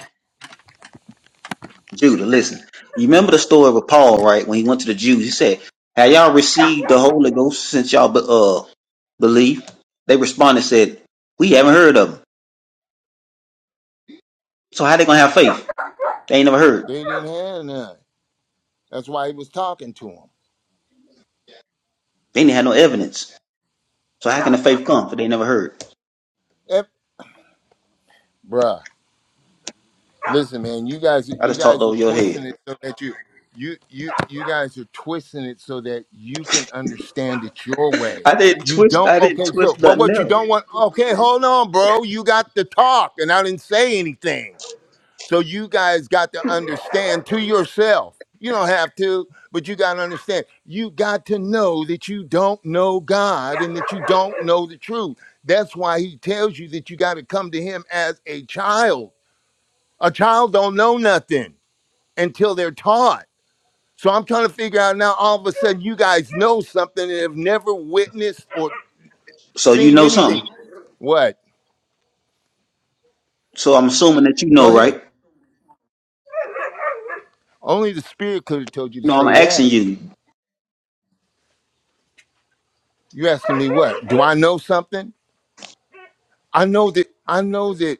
Judah, listen. You remember the story with Paul, right? When he went to the Jews, he said, "Have y'all received the Holy Ghost since y'all be- uh believe?" They responded, said, "We haven't heard of him. So how they gonna have faith? They ain't never heard.
They didn't have none. That's why he was talking to him.
They ain't had no evidence. So how can the faith come if they never heard?"
If, bruh, listen, man, you guys,
I
you
just talked
guys are
over your
twisting it
head.
so that you, you, you, you guys are twisting it so that you can understand it your way.
I didn't
You
twist.
don't.
I didn't
Okay, so,
twist
but
nothing
what you
else.
don't want. Okay, hold on, bro. You got to talk, and I didn't say anything. So you guys got to understand to yourself. You don't have to, but you got to understand. You got to know that you don't know God and that you don't know the truth. That's why he tells you that you got to come to him as a child. A child don't know nothing until they're taught. So I'm trying to figure out now all of a sudden you guys know something and have never witnessed or
So you
seen
know something.
anything. What?
So I'm assuming that you
Go
know,
ahead.
right?
Only the spirit could have told you to
No, I'm
say
asking
that.
you.
You asking me what? Do I know something? I know that I know that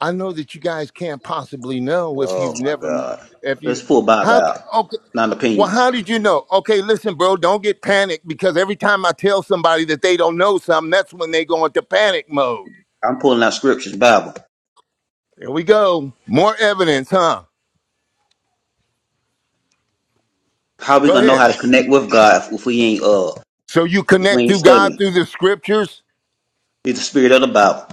I know that you guys can't possibly know if
Oh
you've
my
never
God.
if
Let's
you
pull Bible
how
out.
okay
Not an
well
opinion.
how did you know? Okay, listen, bro, don't get panicked because every time I tell somebody that they don't know something, that's when they go into panic mode.
I'm pulling out scriptures, Bible.
There we go. More evidence, huh?
How we
Go
gonna know
ahead.
how to connect with God if, if we ain't uh
So you
if we
connect
ain't
to God
studying?
through the scriptures?
It's the spirit of the Bible.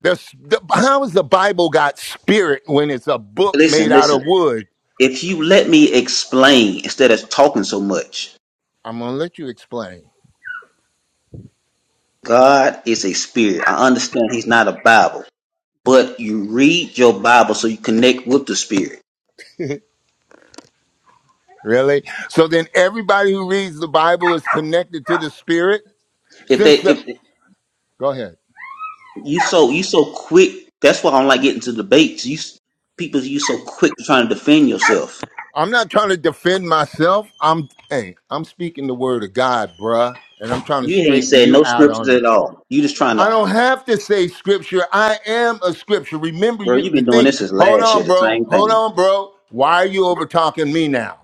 The, the, how is the Bible got spirit when it's a book made
Listen,
out of
listen.
wood?
If you let me explain instead of talking so much,
I'm gonna let you explain.
God is a spirit. I understand He's not a Bible, but you read your Bible so you connect with the spirit.
Really? So then everybody who reads the Bible is connected to the Spirit
If
since
they
the
if
Go ahead.
you so you so quick, that's why I don't like getting to debates. You s- people you so quick to trying to defend yourself.
I'm not trying to defend myself. I'm hey, I'm speaking the word of God, bruh, and I'm trying to
You ain't
straighten
said
you
no
out
scriptures
on it.
at all. You just trying
I
to,
don't have to say scripture. I am a scripture. Remember
bro.
you
You've
the
been doing
thing.
this since
Hold
last year.
on,
The
bro.
same
Hold
thing.
on, bro. Why are you over talking me now?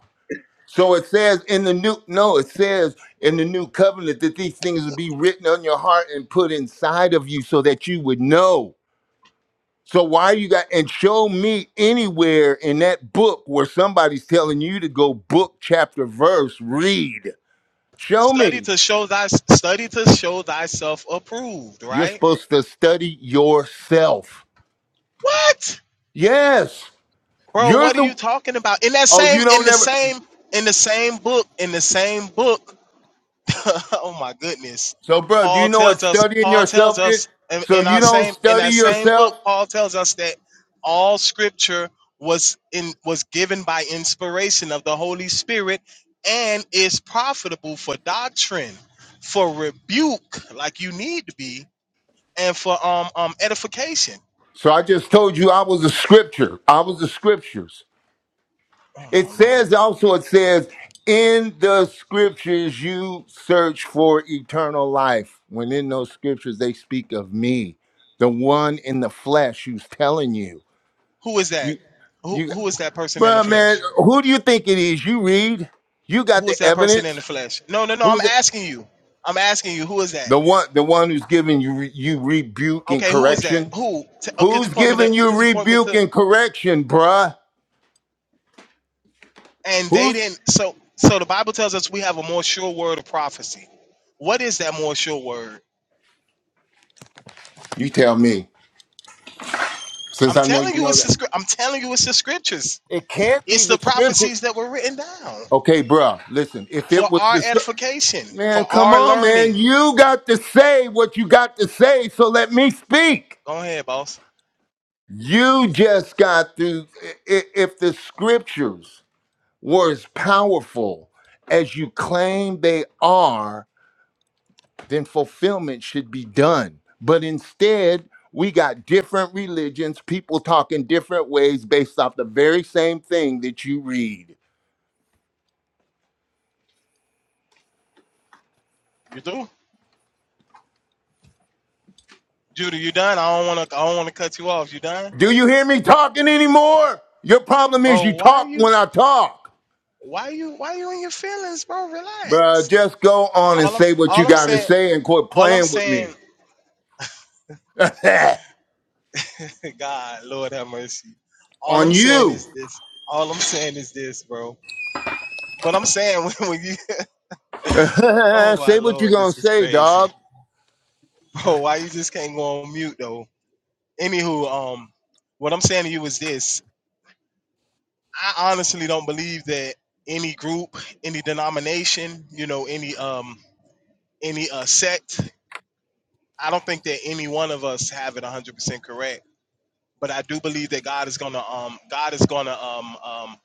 So it says in the new no, it says in the new covenant that these things would be written on your heart and put inside of you so that you would know. So why you got and show me anywhere in that book where somebody's telling you to go book chapter verse read. Show
Study
me.
to show thy study to show thyself approved.
You're
Right?
supposed to study yourself.
What?
Yes.
Bro,
You're
what are you
the
talking about? In that
Oh,
same,
you don't
in the
never
same, in the same book, in the same book. [LAUGHS] oh my goodness.
So bro, do you
Paul
know what
tells us,
studying
Paul tells
yourself is?
us in,
So
in
you
our
don't
same in
study
that same book,
yourself?
Paul tells us that all scripture was in was given by inspiration of the Holy Spirit and is profitable for doctrine, for rebuke, like you need to be, and for um um edification.
So I just told you I was a scripture. I was the scriptures.
Oh
It
my lord.
says also, it says, in the scriptures you search for eternal life. When in those scriptures they speak of me, the one in the flesh who's telling you.
Who is that?
You
Who
you
who is that person in the
bro
flesh?
man, who do you think it is? You read, you got
Who is
the
that person in
evidence.
the flesh? No, no, no. I'm
Who's the,
asking you. I'm asking you. Who is that?
the one the one who's giving you re- you rebuke and
Okay, who is that?
correction?
Who? T- uh, could you
Who's
point me to?
giving you
Could you point me
rebuke
to?
and correction, bruh?
And they
Who's
didn't. So, so the Bible tells us we have a more sure word of prophecy. What is that more sure word?
you tell me. Since
I'm
I know
telling
you
you,
know
it's
that.
the. scr- I'm telling you, it's the scriptures.
It can't be
It's
the
the
scripture.
prophecies that were written down
Okay, bruh, listen. If
for
it was
our
the scrip-
edification,
man,
for
come
our
on, man.
learning.
You got to say what you got to say. So let me speak.
Go ahead, boss.
You just got to. i- i- If the scriptures were as powerful as you claim they are, then fulfillment should be done. But instead, we got different religions, people talking different ways based off the very same thing that you read.
You do, Judah. You done? I don't want to. I don't want to cut you off. You done,
Do you hear me talking anymore? Your problem is
bro?
you
Why
talk
you?
when I talk.
Why you why you in your feelings, bro?
Bruh,
Relax.
just go on and
All I'm
say what you
all I'm
gotta
saying
say and quit
all I'm
playing with me.
saying
[LAUGHS]
[LAUGHS] God, Lord have mercy. All
on
I'm saying
you.
is this. All I'm saying is this, bro. But I'm saying [LAUGHS] when, when you
[LAUGHS]
[LAUGHS] Oh my
say what you are
lord,
gonna
this is
say,
crazy.
dog.
Bro, why you just can't go on mute though? Anywho, um what I'm saying to you is this. I honestly don't believe that any group, any denomination, you know, any um any uh sect, I don't think that any one of us have it 100% correct but I do believe that God is gonna um God is gonna um um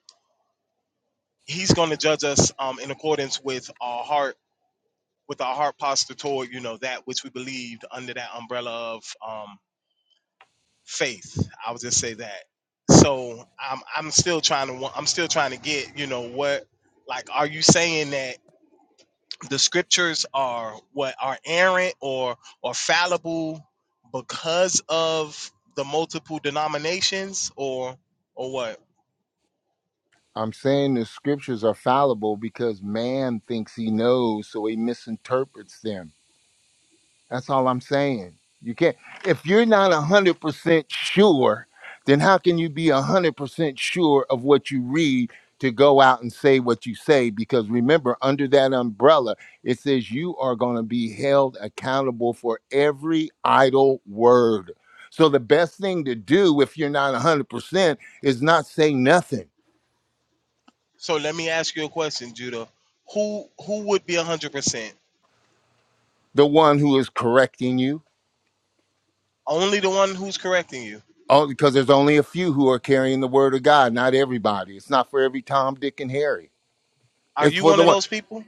He's gonna judge us um in accordance with our heart with our heart posture toward you know that which we believed under that umbrella of um faith. I would just say that. So I'm I'm still trying to wa- I'm still trying to get you know what like are you saying that the scriptures are what are errant or or fallible because of the multiple denominations or or what?
I'm saying the scriptures are fallible because man thinks he knows, so he misinterprets them. That's all I'm saying. You can't if you're not hundred a hundred percent sure, then how can you be a hundred percent sure of what you read to go out and say what you say? Because remember, under that umbrella, it says you are gonna be held accountable for every idle word. So the best thing to do if you're not a hundred percent is not say nothing.
So let me ask you a question, Judah. Who who would be hundred percent?
The one who is correcting you.
Only the one who's correcting you.
Only because there's only a few who are carrying the word of God, not everybody. It's not for every Tom, Dick, and Harry.
Are
It's
you
for
one
the
of
one.
those people?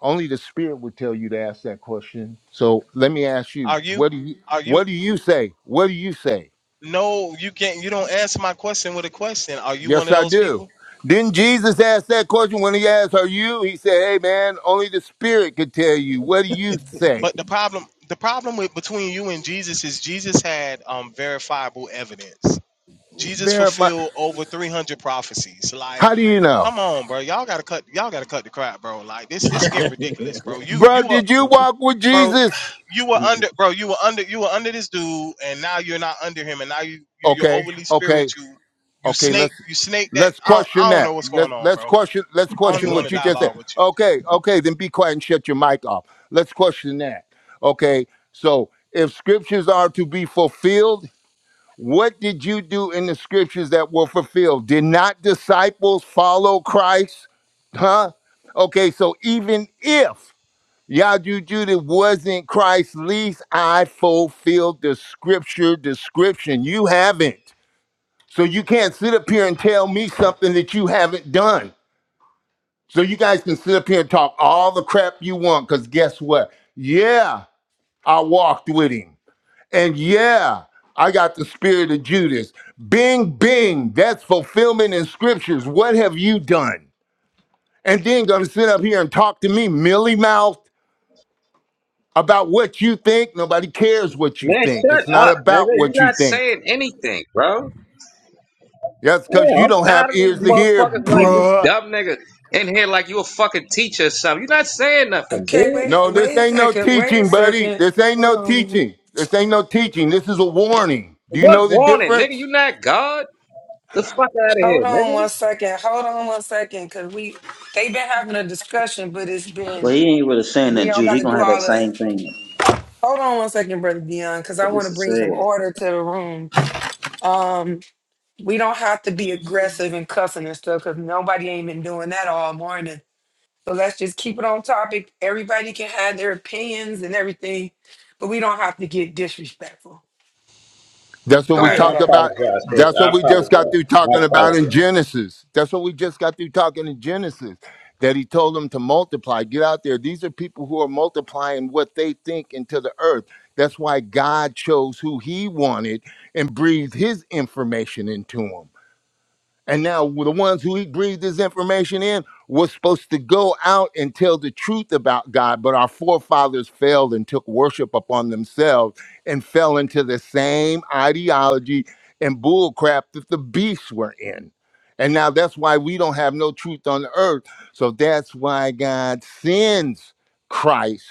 Only the spirit would tell you to ask that question. So let me ask you,
Are you?
what do you
Are you?
what do you say? What do you say?
No, you can't. You don't answer my question with a question. Are you one
Yes,
of
I
those
do.
people?
Didn't Jesus ask that question when he asked, Are you? He said, Hey man, only the spirit could tell you. What do you say?
But the problem, the problem with between you and Jesus is Jesus had um, verifiable evidence.
[LAUGHS]
Jesus
Verify
fulfilled over three hundred prophecies. Like,
how do you know?
come on, bro. Y'all gotta cut. Y'all gotta cut the crap, bro. Like this, this getting ridiculous, bro. You
Bro,
you
did you walk with
bro.
Jesus?
You were under, bro. You were under, you were under this dude, and now you're not under him, and now you, you you're
Okay,
overly
okay.
spiritual. You
Okay,
snake,
let's
you snake that.
let's
I don't,
question
I don't
that.
know what's
Let's
going on,
let's
bro.
question let's
I don't
question
even want
what
to
you just said.
dialogue with you.
Okay, okay, then be quiet and shut your mic off. Let's question that. Okay, so if scriptures are to be fulfilled, what did you do in the scriptures that were fulfilled? Did not disciples follow Christ? Huh? Okay, so even if Yadu Judah wasn't Christ's least, I fulfilled the scripture description. You haven't. So you can't sit up here and tell me something that you haven't done. So you guys can sit up here and talk all the crap you want, because guess what? Yeah, I walked with him. And yeah, I got the spirit of Judas. Bing, bing. That's fulfillment in scriptures. What have you done? And then gonna sit up here and talk to me milly mouthed about what you think. Nobody cares what you
Man,
think.
shut
It's not
up,
about
nigga. You
what you
not
think.
saying anything, bro.
That's because
Yeah,
you
I'm
don't have
tired of these
ears to hear,
motherfuckers
Mm-hmm.
like this
bruh.
dumb nigga in here like you a fucking teacher or something. you not saying nothing,
Okay,
dude.
wait
No, this
wait a
ain't no
second wait a
teaching, buddy.
second
This ain't
hold
no
on.
teaching. This ain't no teaching. This is a warning. Do you
What
know the
warning, nigga? You
difference?
not God? The fuck out of
Hold
here,
on
nigga.
one second. Hold on one second, cause we they've been having a discussion, but it's been
Well, he ain't really saying that,
we all
Jude.
got
He
to
gonna
do
have that
all the.
same thing.
Hold on one second, brother Dion, cause I
But
want
this
to
is
bring some
sad.
order to the room. Um, we don't have to be aggressive and cussing and stuff, cause nobody ain't been doing that all morning. So let's just keep it on topic. Everybody can have their opinions and everything, but we don't have to get disrespectful.
That's what
All
Go
we
right,
ahead,
I
talked
guys.
about.
apologize, sis.
That's what
I
we just got
apologize.
through
I
talking about in
apologize.
Genesis. That's what we just got through talking in Genesis. That he told them to multiply. Get out there. These are people who are multiplying what they think into the earth. That's why God chose who he wanted and breathed his information into them. And now the ones who he breathed this information in were supposed to go out and tell the truth about God, but our forefathers failed and took worship upon themselves and fell into the same ideology and bullcrap that the beasts were in. And now that's why we don't have no truth on the earth. So that's why God sends Christ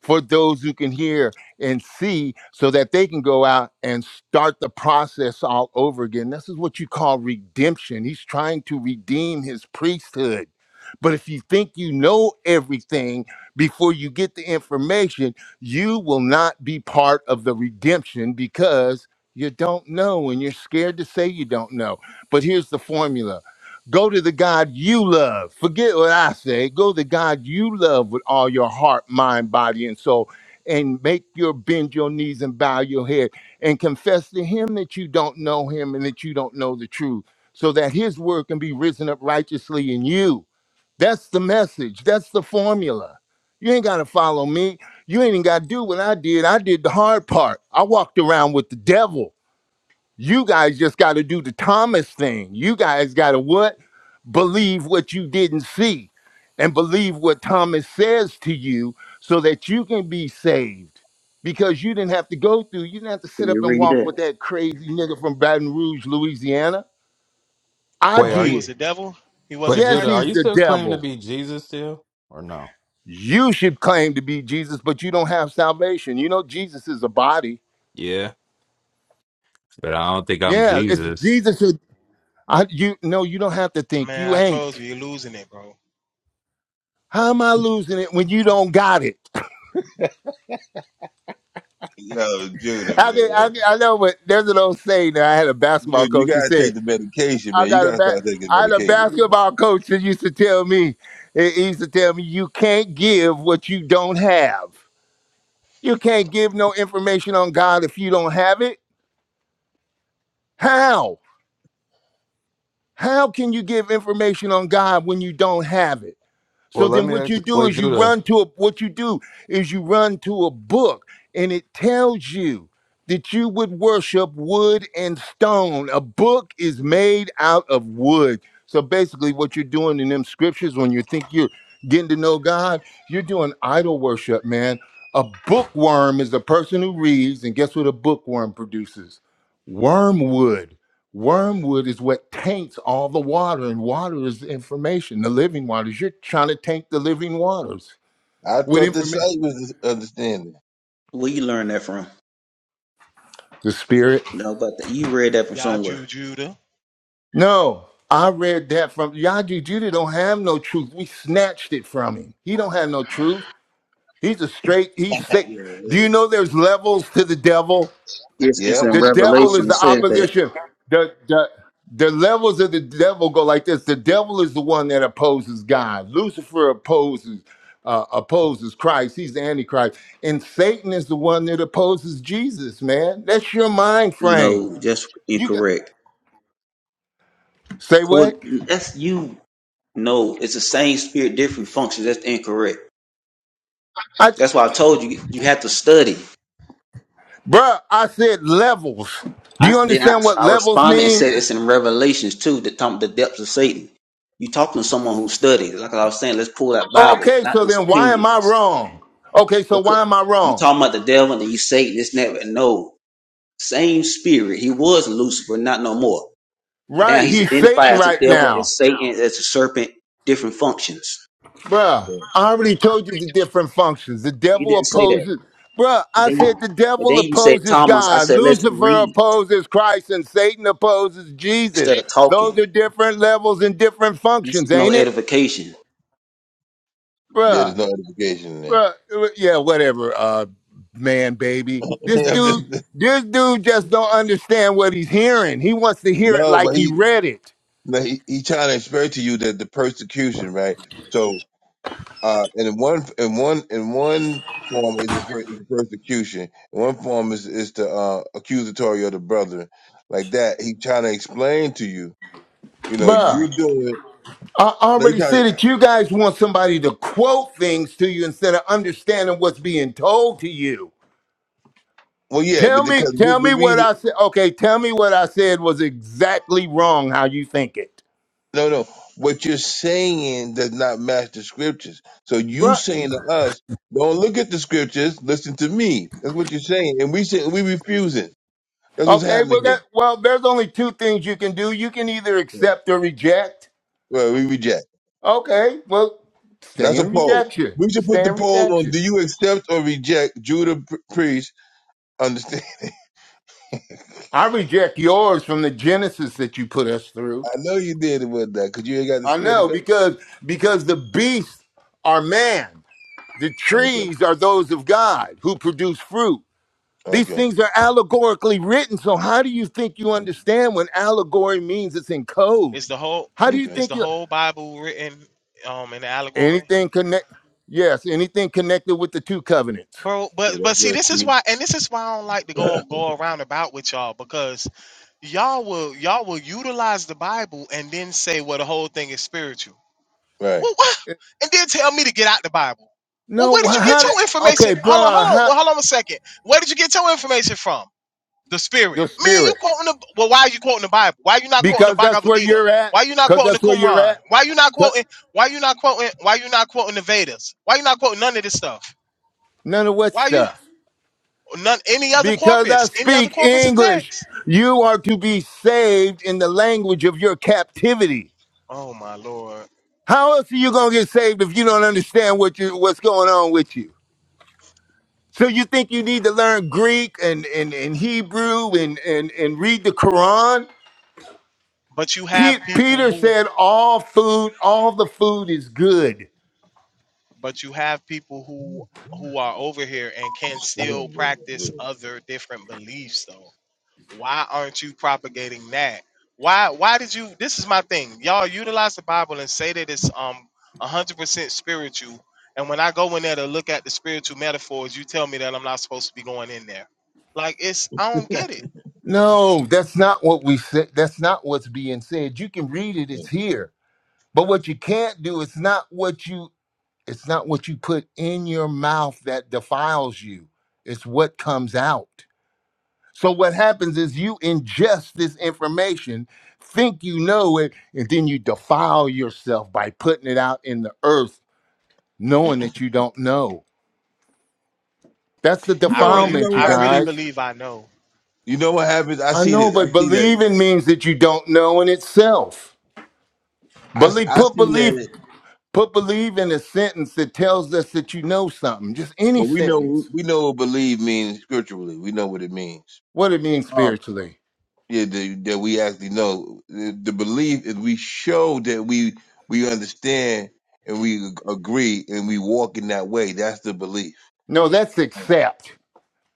for those who can hear and see so that they can go out and start the process all over again. This is what you call redemption. He's trying to redeem his priesthood. But if you think you know everything before you get the information, you will not be part of the redemption because you don't know and you're scared to say you don't know. But here's the formula Go to the God you love. Forget what I say. Go to the God you love with all your heart, mind, body, and soul. And make your bend your knees and bow your head and confess to him that you don't know him and that you don't know the truth, so that his word can be risen up righteously in you. That's the message. That's the formula. You ain't got to follow me. You ain't even got to do what I did. I did the hard part. I walked around with the devil. You guys just got to do the Thomas thing. You guys got to what? Believe what you didn't see and believe what Thomas says to you so that you can be saved because you didn't have to go through, you didn't have to
Can
sit up
you
and
read
walk with
that?
that crazy nigga from Baton Rouge, Louisiana. I
Wait,
Oh,
are
he
you?
was
did.
the devil. He
Wait,
wasn't
Yes,
Judah, are
Christ.
he's
you
the
still claiming to
devil.
be Jesus still, or no?
You should claim to be Jesus, but you don't have salvation. You know, Jesus is a body.
Yeah. But I don't think I'm
Yeah, it's
Jesus.
Jesus who. I, you no, you don't have to think
Man,
you
I told
ain't.
you, you're losing it, bro.
How am I losing it when you don't got it? [LAUGHS]
Yo, Judah, man.
I can, I, can, I know, but there's an old saying that I had a basketball
Dude, you
coach that
gotta take
said,
the medication,
I
man. You
got a
gotta
ba-
start taking
I had a
medication, man.
basketball coach that used to tell me, he he used to tell me, you can't give what you don't have. You can't give no information on God if you don't have it. How? How can you give information on God when you don't have it? So
Well, let
then
me
what you
ask.
do
Wait,
is you
Judah.
run to a what you do is you run to a book and it tells you that you would worship wood and stone. A book is made out of wood. So basically what you're doing in them scriptures when you think you're getting to know God, you're doing idol worship, man. A bookworm is a person who reads and guess what a bookworm produces? Wormwood. Wormwood is what taints all the water, and water is information, the living waters. You're trying to taint the living waters
I
with
thought the
information.
sight was the understanding.
Where you learn that from?
The spirit.
No, but you read that from somewhere.
Yaju Judah
No, I read that from Yaji Judah don't have no truth. We snatched it from him. He don't have no truth. He's a straight,
[LAUGHS]
he's
yeah,
sick. Do
yeah.
you know there's levels to the devil?
It's, it's
Yep.
in
The devil
Revelation.
is
It
the
says that.
opposition. The, the the levels of the devil go like this. The devil is the one that opposes God. Lucifer opposes uh, opposes Christ. He's the antichrist, and Satan is the one that opposes Jesus. Man, that's your mind frame.
No, that's
You got
incorrect.
say
Poor,
what?
that's you. No, it's the same spirit, different functions. That's incorrect.
I j-
That's why I told you you have to study.
bruh, I said levels. Do
I
you
then I,
understand what
I
levels
responded and
mean?
said it's in Revelations too. The talk the depths of Satan. You talking to someone who studied. Like I was saying, let's pull that Bible,
Okay,
not
so
just
then why am I
opinions.
wrong? Okay, so
Because
why am I
you
wrong?
talking about the devil and you Satan, this and that. No, same spirit. He was Lucifer, not no more. Now
Right,
he's
he's
identified
Satan
as the
right
devil and
now.
Satan as a serpent, different functions.
Bruh,
Yeah,
I already told you the different functions. The
You
devil
didn't say that.
opposes. Bruh,
And
I
then,
said the
and
devil
then you said
opposes
Thomas. I
God.
said let's
Lucifer
read
opposes Christ and Satan opposes
instead
Jesus.
of talking.
Those are different levels and different
This
functions,
is no
ain't it?
edification.
there's
Bruh,
no edification in there.
bruh, uh, yeah, whatever, uh, man, baby. This
[LAUGHS] I'm
dude,
just-
this dude just don't understand what he's hearing. He wants to hear it
no,
like
but
he
he
read it.
No, he, he trying to explain to you that the persecution, right? So, uh, and in one, in one, in one form is the, per- is the persecution. In one form is is the uh, accusatory of the brother, like that. He trying to explain to you, you know, you
Bruh.
doing.
I
No, he
already
trying
said
to.
that you guys want somebody to quote things to you instead of understanding what's being told to you.
Well, yeah, but
Tell me,
because we,
tell
the
me what
reason,
I said. Okay, tell me what I said was exactly wrong. How you think it,
no, no, what you're saying does not match the scriptures. So you
Bruh,
saying to us, don't look at the scriptures, listen to me. That's what you're saying, and we say we refusing. That's what's
Okay, well,
happening
that,
here.
well, there's only two things you can do. You can either accept or reject.
Well, we reject.
Okay, well, stay
That's a
in
poll.
rejection.
We should put
Stay
the
in
poll on:
rejection.
Do you accept or reject Judah P- Priest? Understand?
I reject yours from the Genesis that you put us
[LAUGHS]
through.
I know you did it with that because you ain't got the
I
spirit of God.
know because because the beasts are man. The
Okay.
trees are those of God who produce fruit. These
Okay.
things are allegorically written. So, how do you think you
Mm,
understand when allegory means it's in code?
is the whole
How do you
Okay.
is
think
the
you
whole Bible written um in allegory.
anything connect? Yes, anything connected with the two covenants.
bro.
See,
But
that's
but see,
what.
this is why,
See.
and this is why I don't like to go go around about with y'all because y'all will y'all will utilize the Bible and then say well the whole thing is spiritual.
[LAUGHS] right.
Well,
[LAUGHS]
what?
Eh,
And then tell me to get out the Bible. Well,
No,
where did you get
how? do-
your information?
okay,
Hold on, hold
bruh,
on,
how,
well, hold on a second. Where did you get your information from? The Spirit,
the
man. You
spirit,
quoting the well? Why are you quoting the Bible? Why you not quoting the
because that's
Bhagavad
where
Gita?
you're at.
Why you not
Because
quoting the
that's where you're
Quran?
at.
Why you not
'Cause-
quoting? Why you not quoting? Why you not quoting the Vedas? Why you not quoting none of this stuff?
None of what
Why you
stuff.
None any other
Because I
corpus, any other
speak
corpus of
English,
text.
you are to be saved in the language of your captivity.
Oh my lord.
How else are you gonna get saved if you don't understand what you what's going on with you? So you think you need to learn Greek and and, and Hebrew and, and and read the Quran?
But you
Pe-
have people
Peter
who
said, "All food, all the food is good."
but you have people who who are over here and can
Oh,
still
my God.
practice other different beliefs though. Why aren't you propagating that? Why why did you this is my thing. Y'all utilize the Bible and say that it's um 100% spiritual. And when I go in there to look at the spiritual metaphors, you tell me that I'm not supposed to be going in there. Like it's I don't get it.
No, that's not what we said. That's not what's being said. You can read it; it's here. But what you can't do, it's not what you it's not what you put in your mouth that defiles you. It's what comes out. So what happens is you ingest this information, think you know it, and then you defile yourself by putting it out in the earth, knowing
Mm.
that you don't know. That's the
You
I
know. You
really
know
defilement, you
I
what I
really
see.
guys.
believe I know.
You know what happens? I
I
see
know,
this. I
but
see that.
believing means that you don't know in itself.
I, s-
Believe,
I
put
see
belief,
that.
put believe in a sentence that tells us that you know something. Just any
Well, we know
sentence.
we know what believe means scripturally. We know what it means.
What it means
Uh,
spiritually.
yeah, that, that we actually know. The, the belief is we show that we we understand and we ag- agree and we walk in that way. That's the belief.
No, that's accept.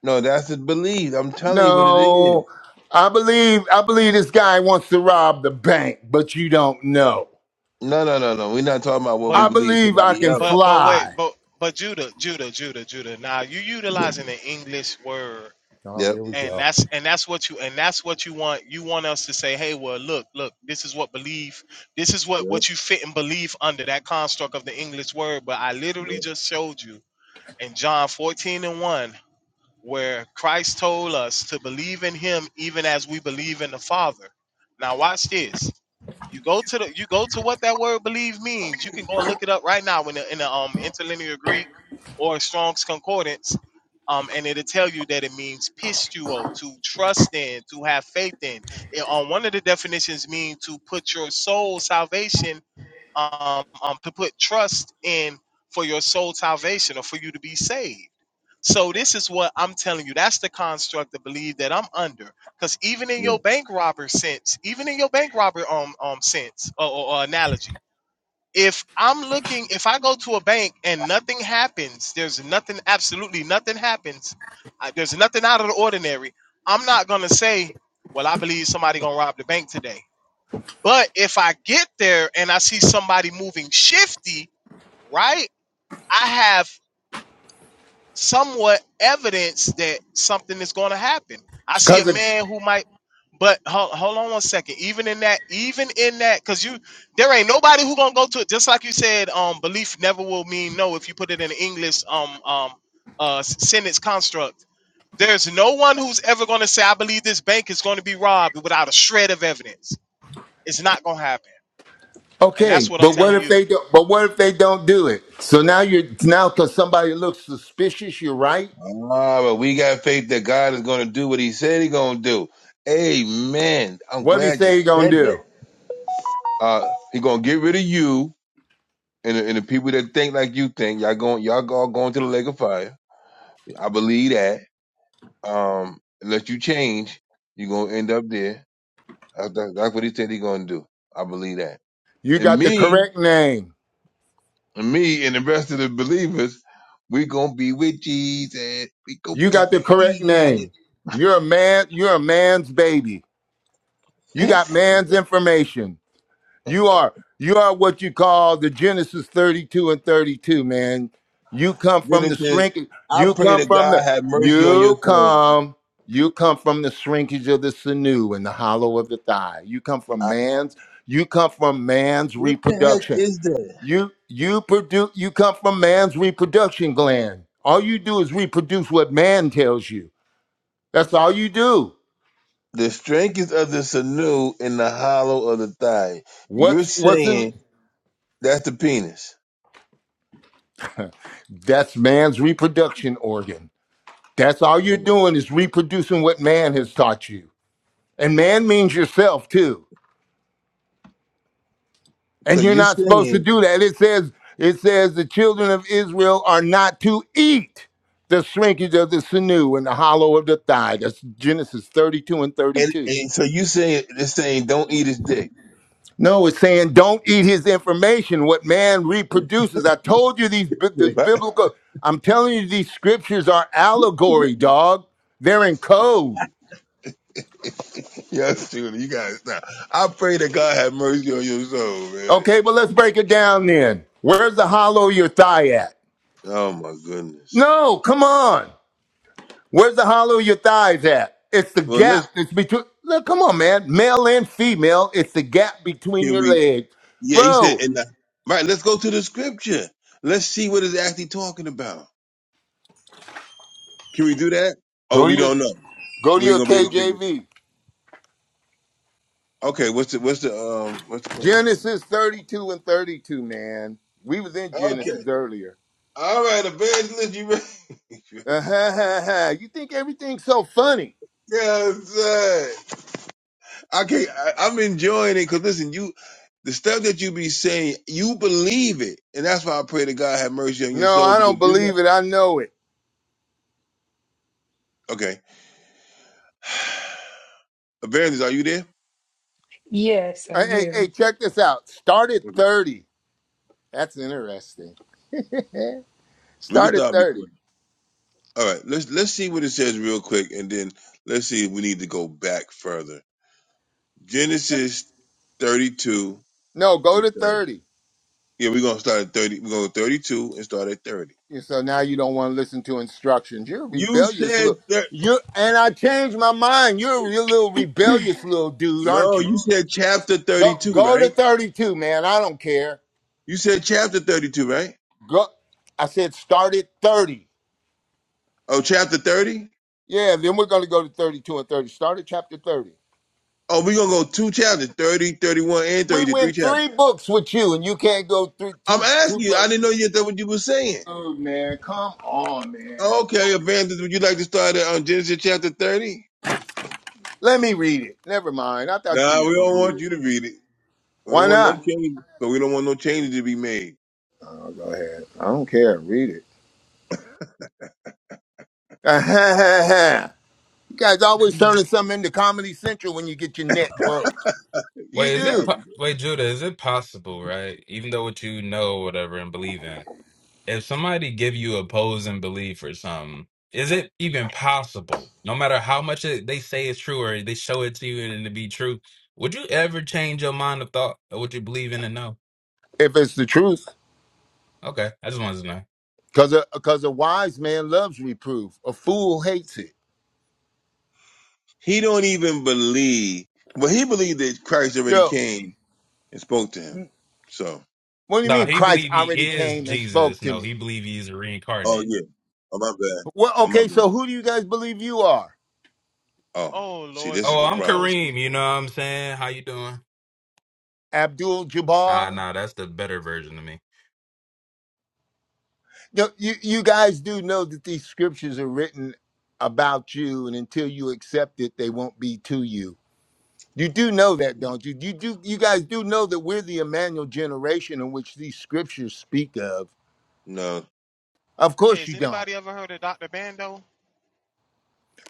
No, that's the belief. I'm telling you what it is.
No, I believe I believe this guy wants to rob the bank, but you don't know.
No, no, no, no. We're not talking about what
but.
we
I
believe
believe I
somebody
can
else.
But but wait,
fly.
but but Judah, Judah, Judah, Judah. Now you
[LAUGHS]
utilizing the English word,
Oh,
Yep.
here we
and
go.
that's and that's what you and that's what you want. You want us to say, hey, well, look, look, this is what belief, this is what
Yep.
what you fit and believe under that construct of the English word. But I literally
Yep.
just showed you in John fourteen and one where Christ told us to believe in Him even as we believe in the Father. Now watch this. You go to the you go to what that word believe means. You can go and look it up right now in the in the um interlinear Greek or Strong's Concordance. Um, and it'll tell you that it means pistuo, to trust in, to have faith in. It, on one of the definitions mean to put your soul salvation, um, um, to put trust in for your soul salvation or for you to be saved. So this is what I'm telling you. That's the construct of belief that I'm under. Because even in
Yep.
your bank robber sense, even in your bank robber um um sense or, or, or analogy, if I'm looking, if I go to a bank and nothing happens, there's nothing, absolutely nothing happens. I, there's nothing out of the ordinary. I'm not gonna say, well, I believe somebody gonna rob the bank today. But if I get there and I see somebody moving shifty, right? I have somewhat evidence that something is going to happen. I see a
Cause of,
man who might, but hold, hold on one second. Even in that, even in that, because you there ain't nobody who gonna go to it. Just like you said, um, belief never will mean no if you put it in an English um um uh s- sentence construct. There's no one who's ever gonna say I believe this bank is going to be robbed without a shred of evidence. It's not gonna happen, and that's
okay,
what I'm
but what
telling
if
you.
they don't? But what if they don't do it? So now you're now because somebody looks suspicious. You're right.
Ah, but we got faith that God is going to do what He said He going to do. Amen. I'm
What do you
glad you
say you gonna
said that.
do?
Uh, he going to get rid of you and the, and the people that think like you think, y'all going y'all all going to the lake of fire. I believe that. Um, unless you change, you're gonna end up there. That's, that's, that's what he said he gonna do. I believe that.
You
And
got the
me,
correct name.
and me, and the rest of the believers, we gonna be with Jesus. We gonna
You
be
got the
with
correct
Jesus.
name. You're a man. You're a man's baby.
[LAUGHS]
You got
then
man's information. You are you are what you call the Genesis 32 and 32, man. You come from the
it says,
shrinkage.
"I
You
pray
come
that
from
God
the
have mercy on your
you
soul."
come you come from the shrinkage of the sinew and the hollow of the thigh. You come from
I,
man's you come from man's
what the heck
reproduction.
is that?
You you produce you come from man's reproduction gland. All you do is reproduce what man tells you. That's all you do.
The strength is of the sinew in the hollow of the thigh. You're
What's what's in
saying That's the penis.
that's man's reproduction organ. That's all you're
Oh.
doing is reproducing what man has taught you. And man means yourself too.
So
And you're
you
not supposed to
saying,
do that. It says it says the children of Israel are not to eat the shrinkage of the sinew and the hollow of the thigh. That's Genesis 32 and
and,
32.
and so you saying this saying don't eat his dick.
No, it's saying don't eat his information, what man reproduces. I told you these, bi-
[LAUGHS]
these biblical, I'm telling you, these scriptures are allegory, dog. They're in code.
yes, Judy, you gotta stop. I pray that God have mercy on your soul, man.
Okay, well, let's break it down then. Where's the hollow of your thigh at?
Oh my goodness.
No, come on. Where's the hollow of your thighs at? It's the
Well,
gap
let's
that's between. Look, come on, man. Male and female, it's the gap between
can
your
we?
legs.
Yeah, he said,
Bro,
and uh, right. Let's go to the scripture. Let's see what it's actually talking about. Can we do that? Oh,
go to
we
your
don't know.
go to
We ain't
your
gonna be able to figure.
KJV.
Okay, what's the what's the um what's the passage?
Genesis 32 and 32, man. We was in
Okay,
Genesis earlier.
all right, evangelist, you ready? [LAUGHS]
Uh-huh. [LAUGHS] You think everything's so funny?
yes, sir. I can't. I, I'm enjoying it because listen, you, the stuff that you be saying, you believe it, and that's why I pray to God have mercy on your
No,
soul
I
because
don't
you're not
believe it. I know it.
okay. [SIGHS] Evangelist, are you there?
Yes,
Hey,
I'm
hey, hey,
here.
check this out. Start at
Okay,
30 That's interesting.
we can
Start at
start
30.
recording. All right, let's let's see what it says real quick, and then let's see if we need to go back further.
Just
Genesis 32
no, go
and
to
30.
30.
Yeah, we're gonna start at 30. We're gonna go 32 and start at 30.
And So now you don't want to listen to instructions. You're a
You
rebellious
said
little
that.
you and I changed my mind. You're a real little rebellious little dude, aren't
No,
you?
you said chapter
Go
32,
go to
right?
32, man. I don't care.
You said chapter 32, right?
Go I said start at 30.
Oh, chapter 30?
Yeah, then we're gonna go to 32 and 30. Start at chapter 30.
Oh, we're going to go two chapters, 30, 31, and
We
33
went
chapters.
three books with you, and you can't go through
I'm
two two
asking you. I
books.
didn't know yet that what you were saying.
Man, come on.
Oh, okay, Evangelist, would you like to start at um, Genesis chapter 30?
Let me read it. Never mind. I thought you
Nah,
was
we
gonna
don't
read
want
it.
you to read it. We don't
Why
want no
not?
changes. So we don't want no changes to be made.
Go ahead. I don't care. Read it. [LAUGHS] you guys always
[LAUGHS]
turning something into Comedy Central when you get your neck broke. You
Wait, is it
Yeah.
do.
po- wait, Judah? Is it possible, right? Even though what you know, whatever, and believe in. if somebody give you opposing belief or something, is it even possible, no matter how much it, they say it's true or they show it to you and it to be true, would you ever change your mind of thought or what you believe in and know?
If it's the truth.
Okay, I just wanted to know.
Because a, 'cause a wise man loves reproof. A fool hates it.
He don't even believe. But he believed that Christ already
Yo,
came and spoke to him. So,
what do you
No,
mean
he
Christ
believe he
already
is
came and spoke
Jesus.
to
No,
me?
he believe he's
oh,
reincarnate.
yeah. Oh, my bad.
Well,
Oh, my
okay,
bad.
so who do you guys believe you are?
Oh,
Oh
see,
Lord,
this
you
is
Oh,
the
one
I'm
of
problem.
those
Kareem. You know
people.
what I'm saying? How you doing?
Abdul
Nah,
Jabbar?
nah, that's the better version of me.
No, you, you guys do know that these scriptures are written about you, and until you accept it, they won't be to you. You do know that, don't you? You do. You guys do know that we're the Emmanuel generation in which these scriptures speak of.
No.
Of
Hey,
course,
has
you don't,
anybody ever heard of Dr. Bando?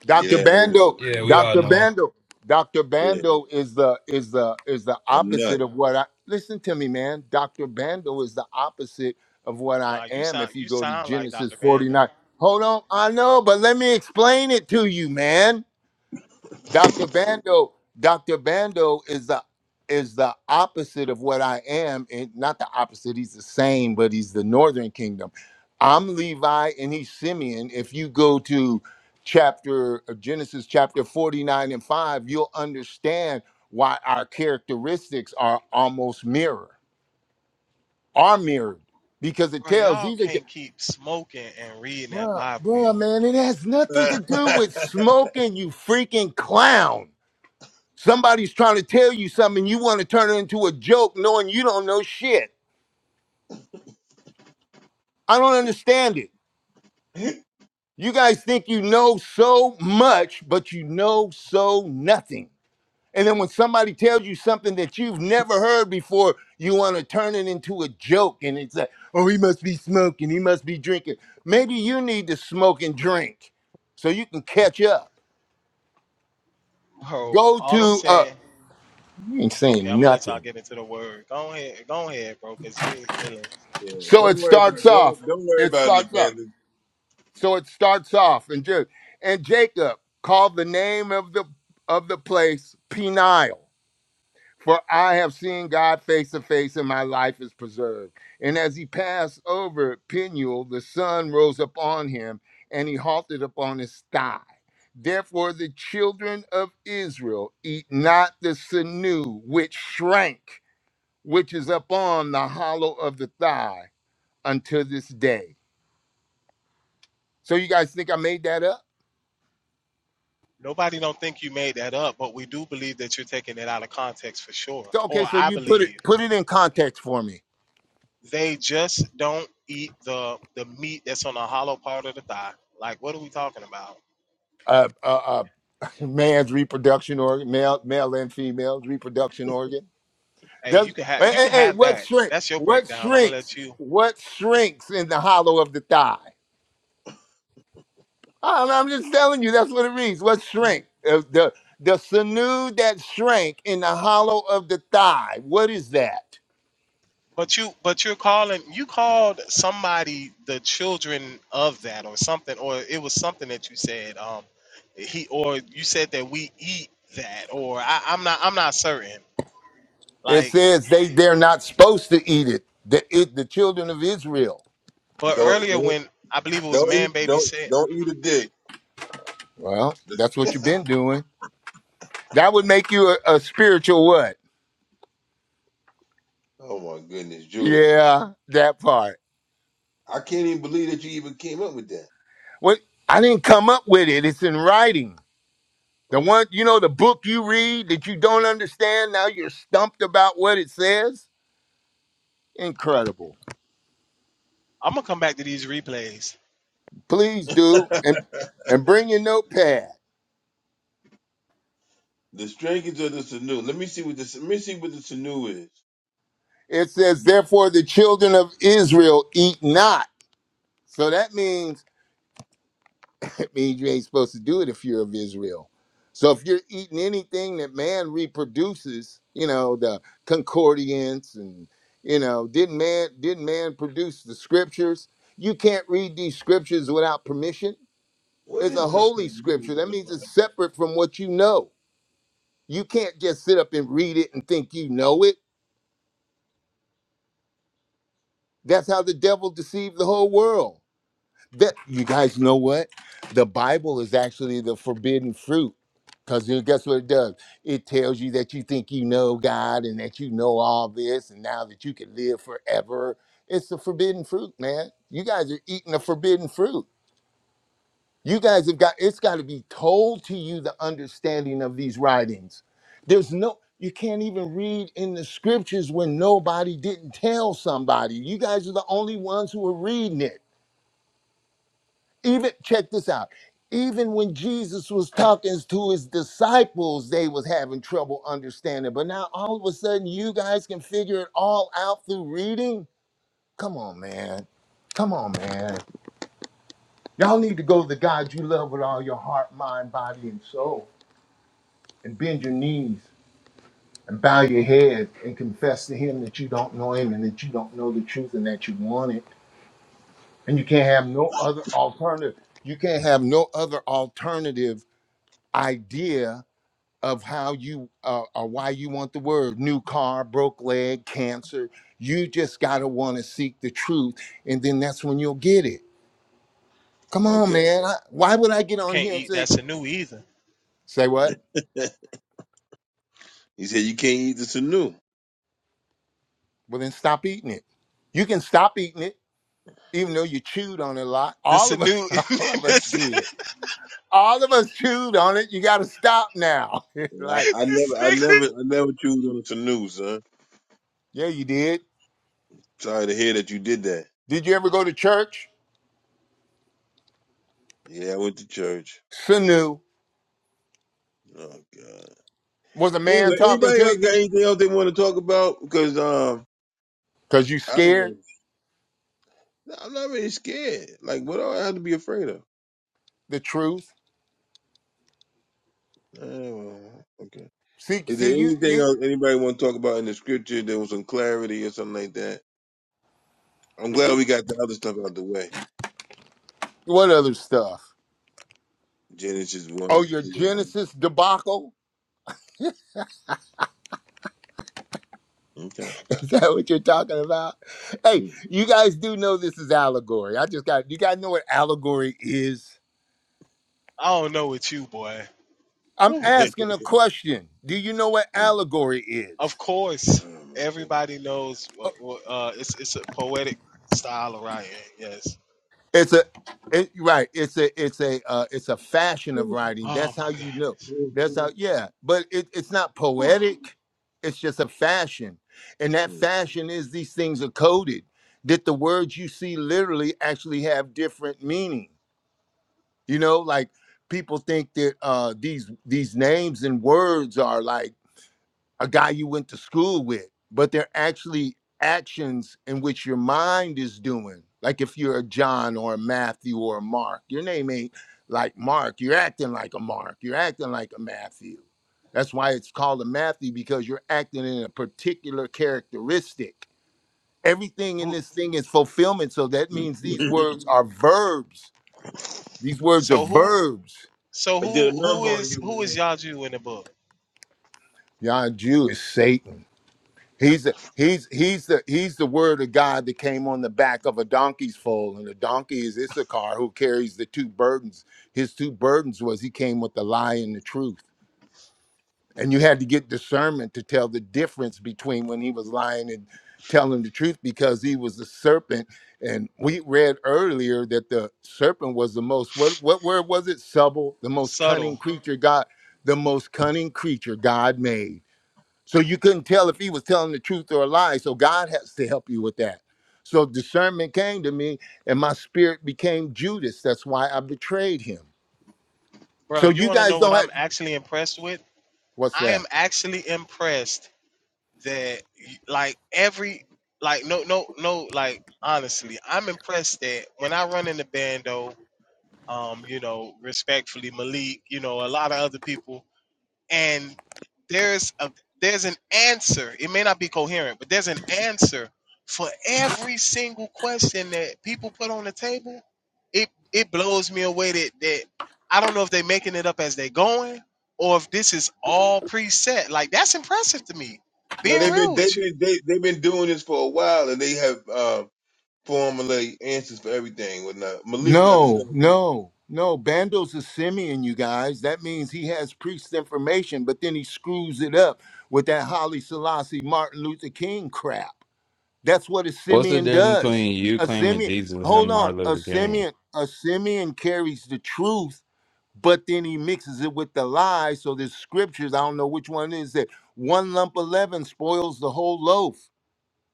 Doctor
Yeah, I heard
Bando.
Yeah,
him.
we all
Doctor
know him.
Bando. Doctor
Yeah,
Bando is the is the is the
I'm not.
opposite of what I listen to me, man. Doctor Bando is the opposite of what I
Nah, you
am.
sound
If you
you
go to
sound like
Genesis
Dr.
forty
Bando.
nine, hold on, I know, but let me explain it to you, man. Dr. Bando, Dr. Bando is the is the opposite of what I am, and not the opposite. He's the same, but he's the Northern Kingdom. I'm Levi, and he's Simeon. If you go to chapter uh, Genesis chapter 49 and 5, you'll understand why our characteristics are almost mirror are mirrored because it
Bro,
tells
y'all
these are.
can't keep smoking and reading that
Bruh,
Bible,
bruh,
yo.
man, it has nothing to
[LAUGHS] yeah,
do with smoking, you freaking clown. Somebody's trying to tell you something, you want to turn it into a joke knowing you don't know shit. I don't understand it. You guys think you know so much, but you know so nothing. And then when somebody tells you something that you've never heard before, you want to turn it into a joke. And it's like, oh, he must be smoking, he must be drinking. Maybe you need to smoke and drink so you can catch up.
Bro,
Go
all I'm
to, uh,
saying,
you ain't
okay, I'm
saying
gonna let y'all
nothing.
get into the word. Go ahead, go ahead, bro, because you ain't feeling.
So it
don't worry
starts
about
off.
don't don't worry
It
about it,
starts off.
Amanda.
So it starts off and just and Jacob called the name of the of the place Peniel, for I have seen God face to face, and my life is preserved. And as he passed over Peniel, the sun rose upon him, and he halted upon his thigh. Therefore, the children of Israel eat not the sinew which shrank, which is upon the hollow of the thigh, unto this day. So you guys think I made that up?
Nobody don't think you made that up, but we do believe that you're taking it out of context for sure.
So, okay,
Or
so
I
you put it
believe
put it in context for me.
they just don't eat the the meat that's on the hollow part of the thigh. Like, what are we talking about?
Uh, uh, uh, man's reproduction organ, male, male and female's reproduction organ.
Hey,
Does
you can have
hey,
you
hey,
can
hey,
have
what
that.
shrink?
That's your
What
breakdown. I'm gonna
shrinks?
let you.
What shrinks in the hollow of the thigh? I'm, I'm just telling you. That's what it reads. What shrink? Uh, the the sinew that shrank in the hollow of the thigh. What is that?
But you, but you're calling, you called somebody the children of that, or something, or it was something that you said. Um, he, or you said that we eat that, or I, I'm not, I'm not certain.
It
Like,
says they they're not supposed to eat it. The it, the children of Israel.
but
Don't
earlier
don't
when I believe it was
don't eat
Man Baby
don't
said,
don't eat a dick.
Well, that's what you've been doing. That would make you a, a spiritual what?
Oh my goodness, Judah,
Yeah, that part.
I can't even believe that you even came up with that.
What I didn't come up with it. It's in writing. The
Mm.
one you know, the book you read that you don't understand, now you're stumped about what it says. Incredible.
I'm gonna come back to these replays.
Please do. And and bring your notepad.
The strangers of the Sanu. Let me see what the let me see what the Sanu is.
It says, therefore the children of Israel eat not. So that means means you ain't supposed to do it if you're of Israel. So if you're eating anything that man reproduces, you know, the concordance and you know, didn't man didn't man produce the scriptures? You can't read these scriptures without permission.
What
It's a
is the
holy
Sanu
scripture.
in
That
the
means
Bible?
it's separate from what you know. You can't just sit up and read it and think you know it. That's how the devil deceived the whole world. that you guys know what the bible is actually the forbidden fruit because guess what it does it tells you that you think you know god and that you know all this and now that you can live forever it's the forbidden fruit man you guys are eating the forbidden fruit you guys have got it's got to be told to you the understanding of these writings there's no you can't even read in the scriptures when nobody didn't tell somebody you guys are the only ones who are reading it even check this out even when jesus was talking to his disciples they was having trouble understanding but now all of a sudden you guys can figure it all out through reading come on man come on man y'all need to go to the god you love with all your heart mind body and soul and bend your knees and bow your head and confess to him that you don't know him and that you don't know the truth and that you want it and you can't have no other alternative you can't have no other alternative idea of how you uh, or why you want the word new car, broke leg, cancer. You just got to want to seek the truth, and then that's when you'll get it. Come on,
Okay,
man. I, why would I get
You
on
can't
here and
eat that
say,
Sanu either.
say what?
[LAUGHS] he said you can't eat the Sanu.
Well, then stop eating it. You can stop eating it, even though you chewed on it a lot.
The
All of us,
Sanu,
[LAUGHS] all of
[LAUGHS]
us
this,
did. All of us chewed on it. You got to stop now. [LAUGHS] It's
And I,
like,
I
this
never I
nigga.
never I never choose on the Sanu, son.
yeah, you did.
Sorry to hear that you did that.
Did you ever go to church?
Yeah, I went to church.
Sanu
Oh God.
was a
Anyway,
man talking
anybody
to
else
you
got anything else they want to talk about? Because um,
because you
I don't.
scared
Really, I'm not really scared. Like, what do I have to be afraid of?
the truth
Eh, well, okay.
See,
Is
see,
there
you,
anything
you,
else anybody want to talk about in the scripture? There was some clarity or something like that. I'm glad we got the other stuff out the way.
what other stuff?
Genesis
Oh,
one.
your
two,
Genesis debacle?
and Okay.
[LAUGHS] Is that what you're talking about? Hey, you guys do know this is allegory. I just got, you guys know what allegory is?
I don't know with you, boy.
I'm
Whew.
Mm. [LAUGHS]
asking a question. Do you know what
Mm.
allegory
Of
is?
oh
course,
my goodness.
everybody knows what, what uh, it's it's a poetic style of writing. Yes.
It's a it, right. It's a it's a uh, it's a fashion of writing. That's
Oh
how
my God.
you know.
Mm.
That's how yeah. But it, it's not
Whew.
poetic. It's just a fashion, and that fashion is these things are coded. That the words you see literally actually have different meaning. You know, like people think that uh, these these names and words are like a guy you went to school with, but they're actually actions in which your mind is doing. Like if you're a John or a Matthew or a Mark, your name ain't like Mark. You're acting like a Mark. You're acting like a Matthew. That's why it's called a Matthew because you're acting in a particular characteristic. Everything in
Who?
this thing is fulfillment. So that means these
Mm.
words are verbs. These words are
So who?
verbs.
So
[LAUGHS] I did a
who? Who
number on
is
you,
who is
man.
Yaju in the book?
Yah Jew is Satan. He's the, he's he's the he's the word of God that came on the back of a donkey's foal, and the donkey is Issachar who carries the two burdens. His two burdens was he came with the lie and the truth, and you had to get discernment to tell the difference between when he was lying and telling the truth because he was the serpent. And we read earlier that the serpent was the most what what word was it? Subtle, the most cunning
Subtle,
creature God, the most cunning creature God made so you couldn't tell if he was telling the truth or a lie. So God has to help you with that. So discernment came to me and my spirit became Judas. That's why I betrayed him.
bro.
So
You
you
want to
guys
know what
don't have
I'm actually impressed with?
what's
I am
that?
actually impressed that like every like no no no like honestly, I'm impressed that when I run in the bando, um, you know, respectfully, Malik, you know, a lot of other people and there's a there's an answer it may not be coherent but there's an answer for every single question that people put on the table it it blows me away that that i don't know if they're making it up as they're going or if this is all preset like that's impressive to me
Now
being
they've been
real
they've
with you
been they, they've been doing this for a while, and they have. uh, formulate answers for everything. whatnot. Malik does the
No,
same
no, no. Bando's a Simeon, you guys. That means he has priest information, but then he screws it up with that Holly Selassie Martin Luther King crap. That's what a
What's the
Simeon
difference
does.
between you
A
claiming
Simeon,
Jesus and him
hold on.
Martin
A
Luther King?
Simeon, a Simeon carries the truth but then he mixes it with the lies. So there's scriptures, I don't know which one it is that one lump of leaven spoils the whole loaf.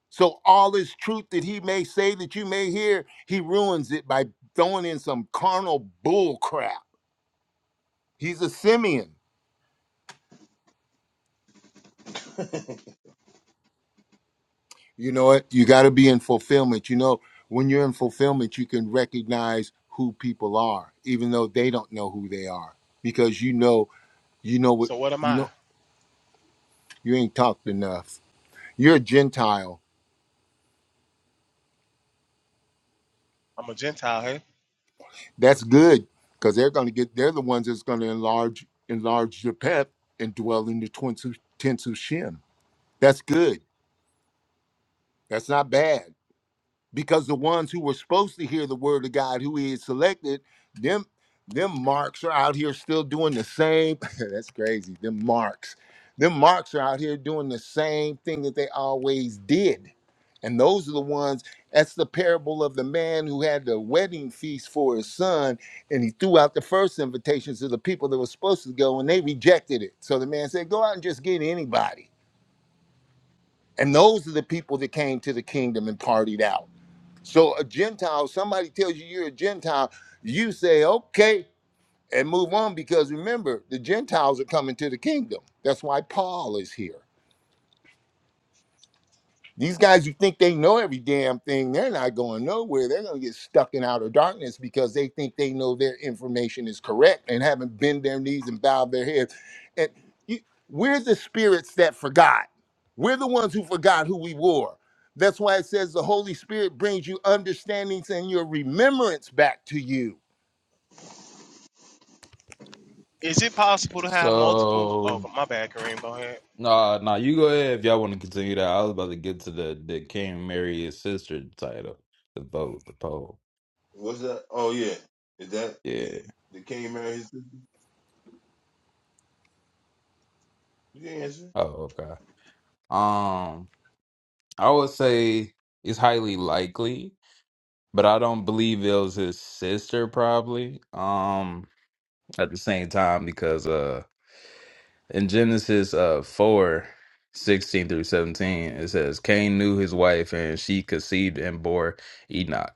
So all this truth that he may say that you may hear, he ruins it by throwing in some carnal bull crap. He's a Simeon.
thing.
You know what? You got to be in fulfillment. You know, when you're in fulfillment, you can recognize who people are, even though they don't know who they are, because you know, you know what,
so what am
you
i
know, you ain't talked enough. You're a Gentile
i'm a gentile hey
That's good because they're going to get. They're the ones that's going to enlarge enlarge your pep and dwell in the twin tenths of shin. That's good. That's not bad because the ones who were supposed to hear the word of God, who he had selected, them them marks are out here still doing the same. [LAUGHS] That's crazy. Them marks, them marks are out here doing the same thing that they always did, and those are the ones. That's the parable of the man who had the wedding feast for his son, and he threw out the first invitations to the people that were supposed to go, and they rejected it. So the man said, "Go out and just get anybody." And those are the people that came to the kingdom and partied out so a Gentile, somebody tells you you're a Gentile, you say, okay, and move on because remember, the Gentiles are coming to the kingdom. That's why Paul is here. These guys who think they know every damn thing, they're not going nowhere. They're going to get stuck in outer darkness because they think they know their information is correct and haven't bent their knees and bowed their heads. And you, we're the spirits that forgot. We're the ones who forgot who we were. That's why it says the Holy Spirit brings you understandings and your remembrance back to you.
is it possible to have multiple oh
So
my bad kareem go ahead
Nah, nah, you go ahead if y'all want to continue that. I was about to get to the the King marry his sister title, the vote, the poll.
[LAUGHS] What's that? Oh yeah, is that
Yeah.
the King Mary? His sister? You can answer.
Oh, okay. Um, I would say it's highly likely, but I don't believe it was his sister probably. Um, at the same time, because uh in Genesis uh four sixteen through 17, it says Cain knew his wife and she conceived and bore Enoch.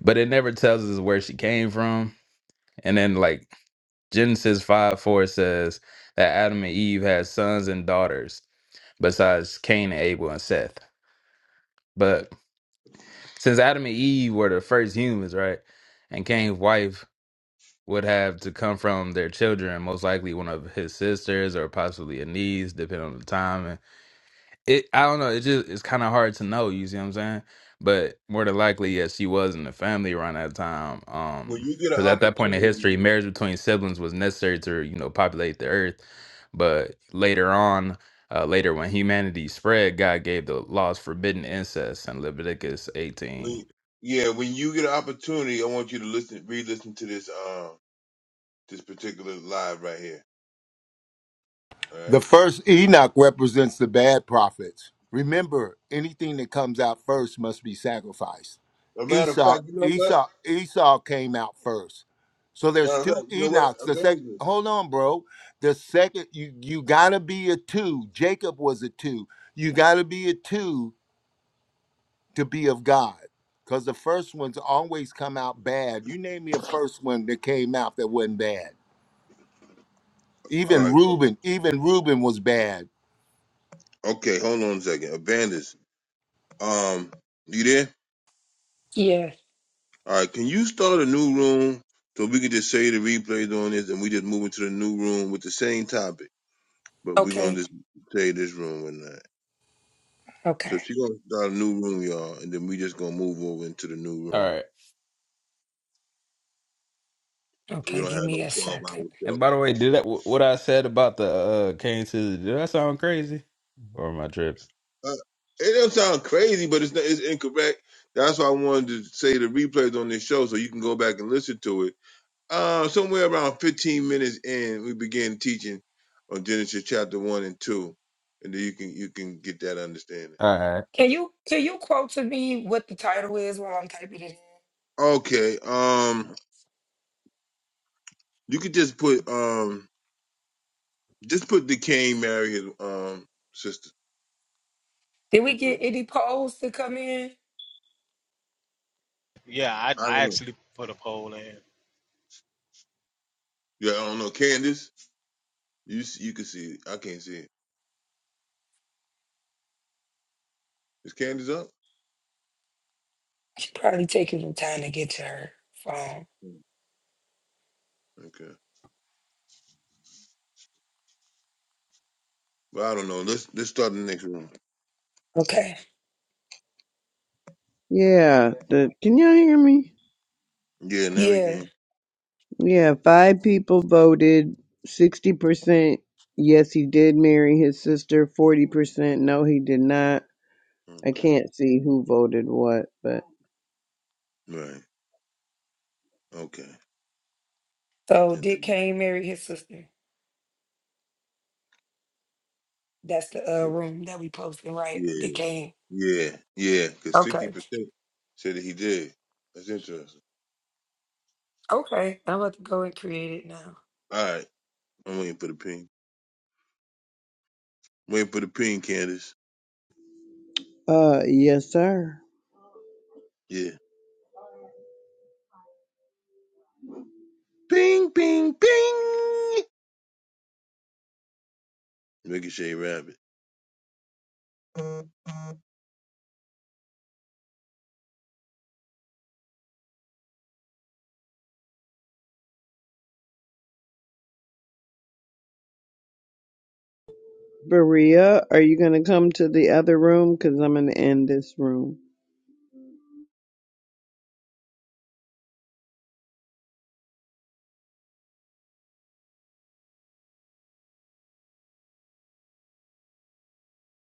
But it never tells us where she came from. And then like Genesis 5 4 says that Adam and Eve had sons and daughters besides Cain and Abel and Seth. But since Adam and Eve were the first humans, right? And Cain's wife would have to come from their children, most likely one of his sisters or possibly a niece, depending on the time it I don't know. It just it's kind of hard to know. You see what I'm saying? But more than likely, yes, she was in the family around that time.
When
Um,
you get
because
an
at that point in
opportunity,
history, marriage between siblings was necessary to you know populate the earth. But later on, uh, later when humanity spread, God gave the laws forbidding incest in Leviticus
when
18.
you- yeah, when you get an opportunity, I want you to listen, re-listen to this um this particular live right here. All
The
right.
first Enoch represents the bad prophets. Remember, anything that comes out first must be sacrificed.
A matter of
Esau,
fact, you know what?
Esau, Esau came out first. So there's
Matter of fact,
two
you know what?
Enochs. The second,
Abandon.
hold on, bro. The second, you you gotta be a two. Jacob was a two. You gotta be a two to be of God, because the first ones always come out bad. You name me a first one that came out that wasn't bad.
All
Even
right. o-
Reuben, even Reuben was bad
Okay. Hold on a second. Abandon. Um, you there?
Yes.
All right, can you start a new room so we can just say the replays on this and we just move into the new room with the same topic, but we're gonna
Okay.
just say this room and that. So
Okay.
she gonna start a new room, y'all, and then we just gonna move over into the new
All
room
right.
so we
Okay.
don't have
Give
no
me a
twelve
second.
hour
And
show.
by the way, did that wh- what I said about the uh, Cain scissors? Did that sound crazy, or am I tripping?
Uh, it don't sound crazy, but it's not, it's incorrect. That's why I wanted to say the replays on this show so you can go back and listen to it Uh, somewhere around 15 minutes in, we began teaching on Genesis chapter one and two, and then you can you can get that understanding.
All right.
Can you can you quote to me what the title is while I'm typing it in?
Okay. Um, you could just put um just put the Cain marry his um sister.
Did we
Put
get any polls to come in?
yeah i,
I
I
don't know.
actually put a poll in
Yeah, I don't know. Candace, you s- you can see it. I can't see it. Is Candace up?
She probably taking some time to get to her phone.
Mm, Okay. But I don't know. Let's let's start the next one.
Okay.
Yeah. The can y'all hear me?
Yeah, now we
Yeah.
can.
Yeah. Five people voted. Sixty percent. Yes, he did marry his sister. Forty percent. No, he did not. I
Okay.
can't see who voted what, but
Right. Okay.
So Dick
Into-
Kane married his sister. That's the uh, room that we posted, right?
Yeah.
Dick Kane.
Yeah, yeah, because sixty
Okay.
percent said that he did. That's interesting.
Okay. I'm about to go and create it now.
All right, I'm waiting for the ping. I'm waiting for the ping, Candace.
uh, yes, sir.
Yeah, ping, ping, ping. Ricochet Rabbit.
Berea, are you gonna come to the other room? Cause I'm gonna end this room.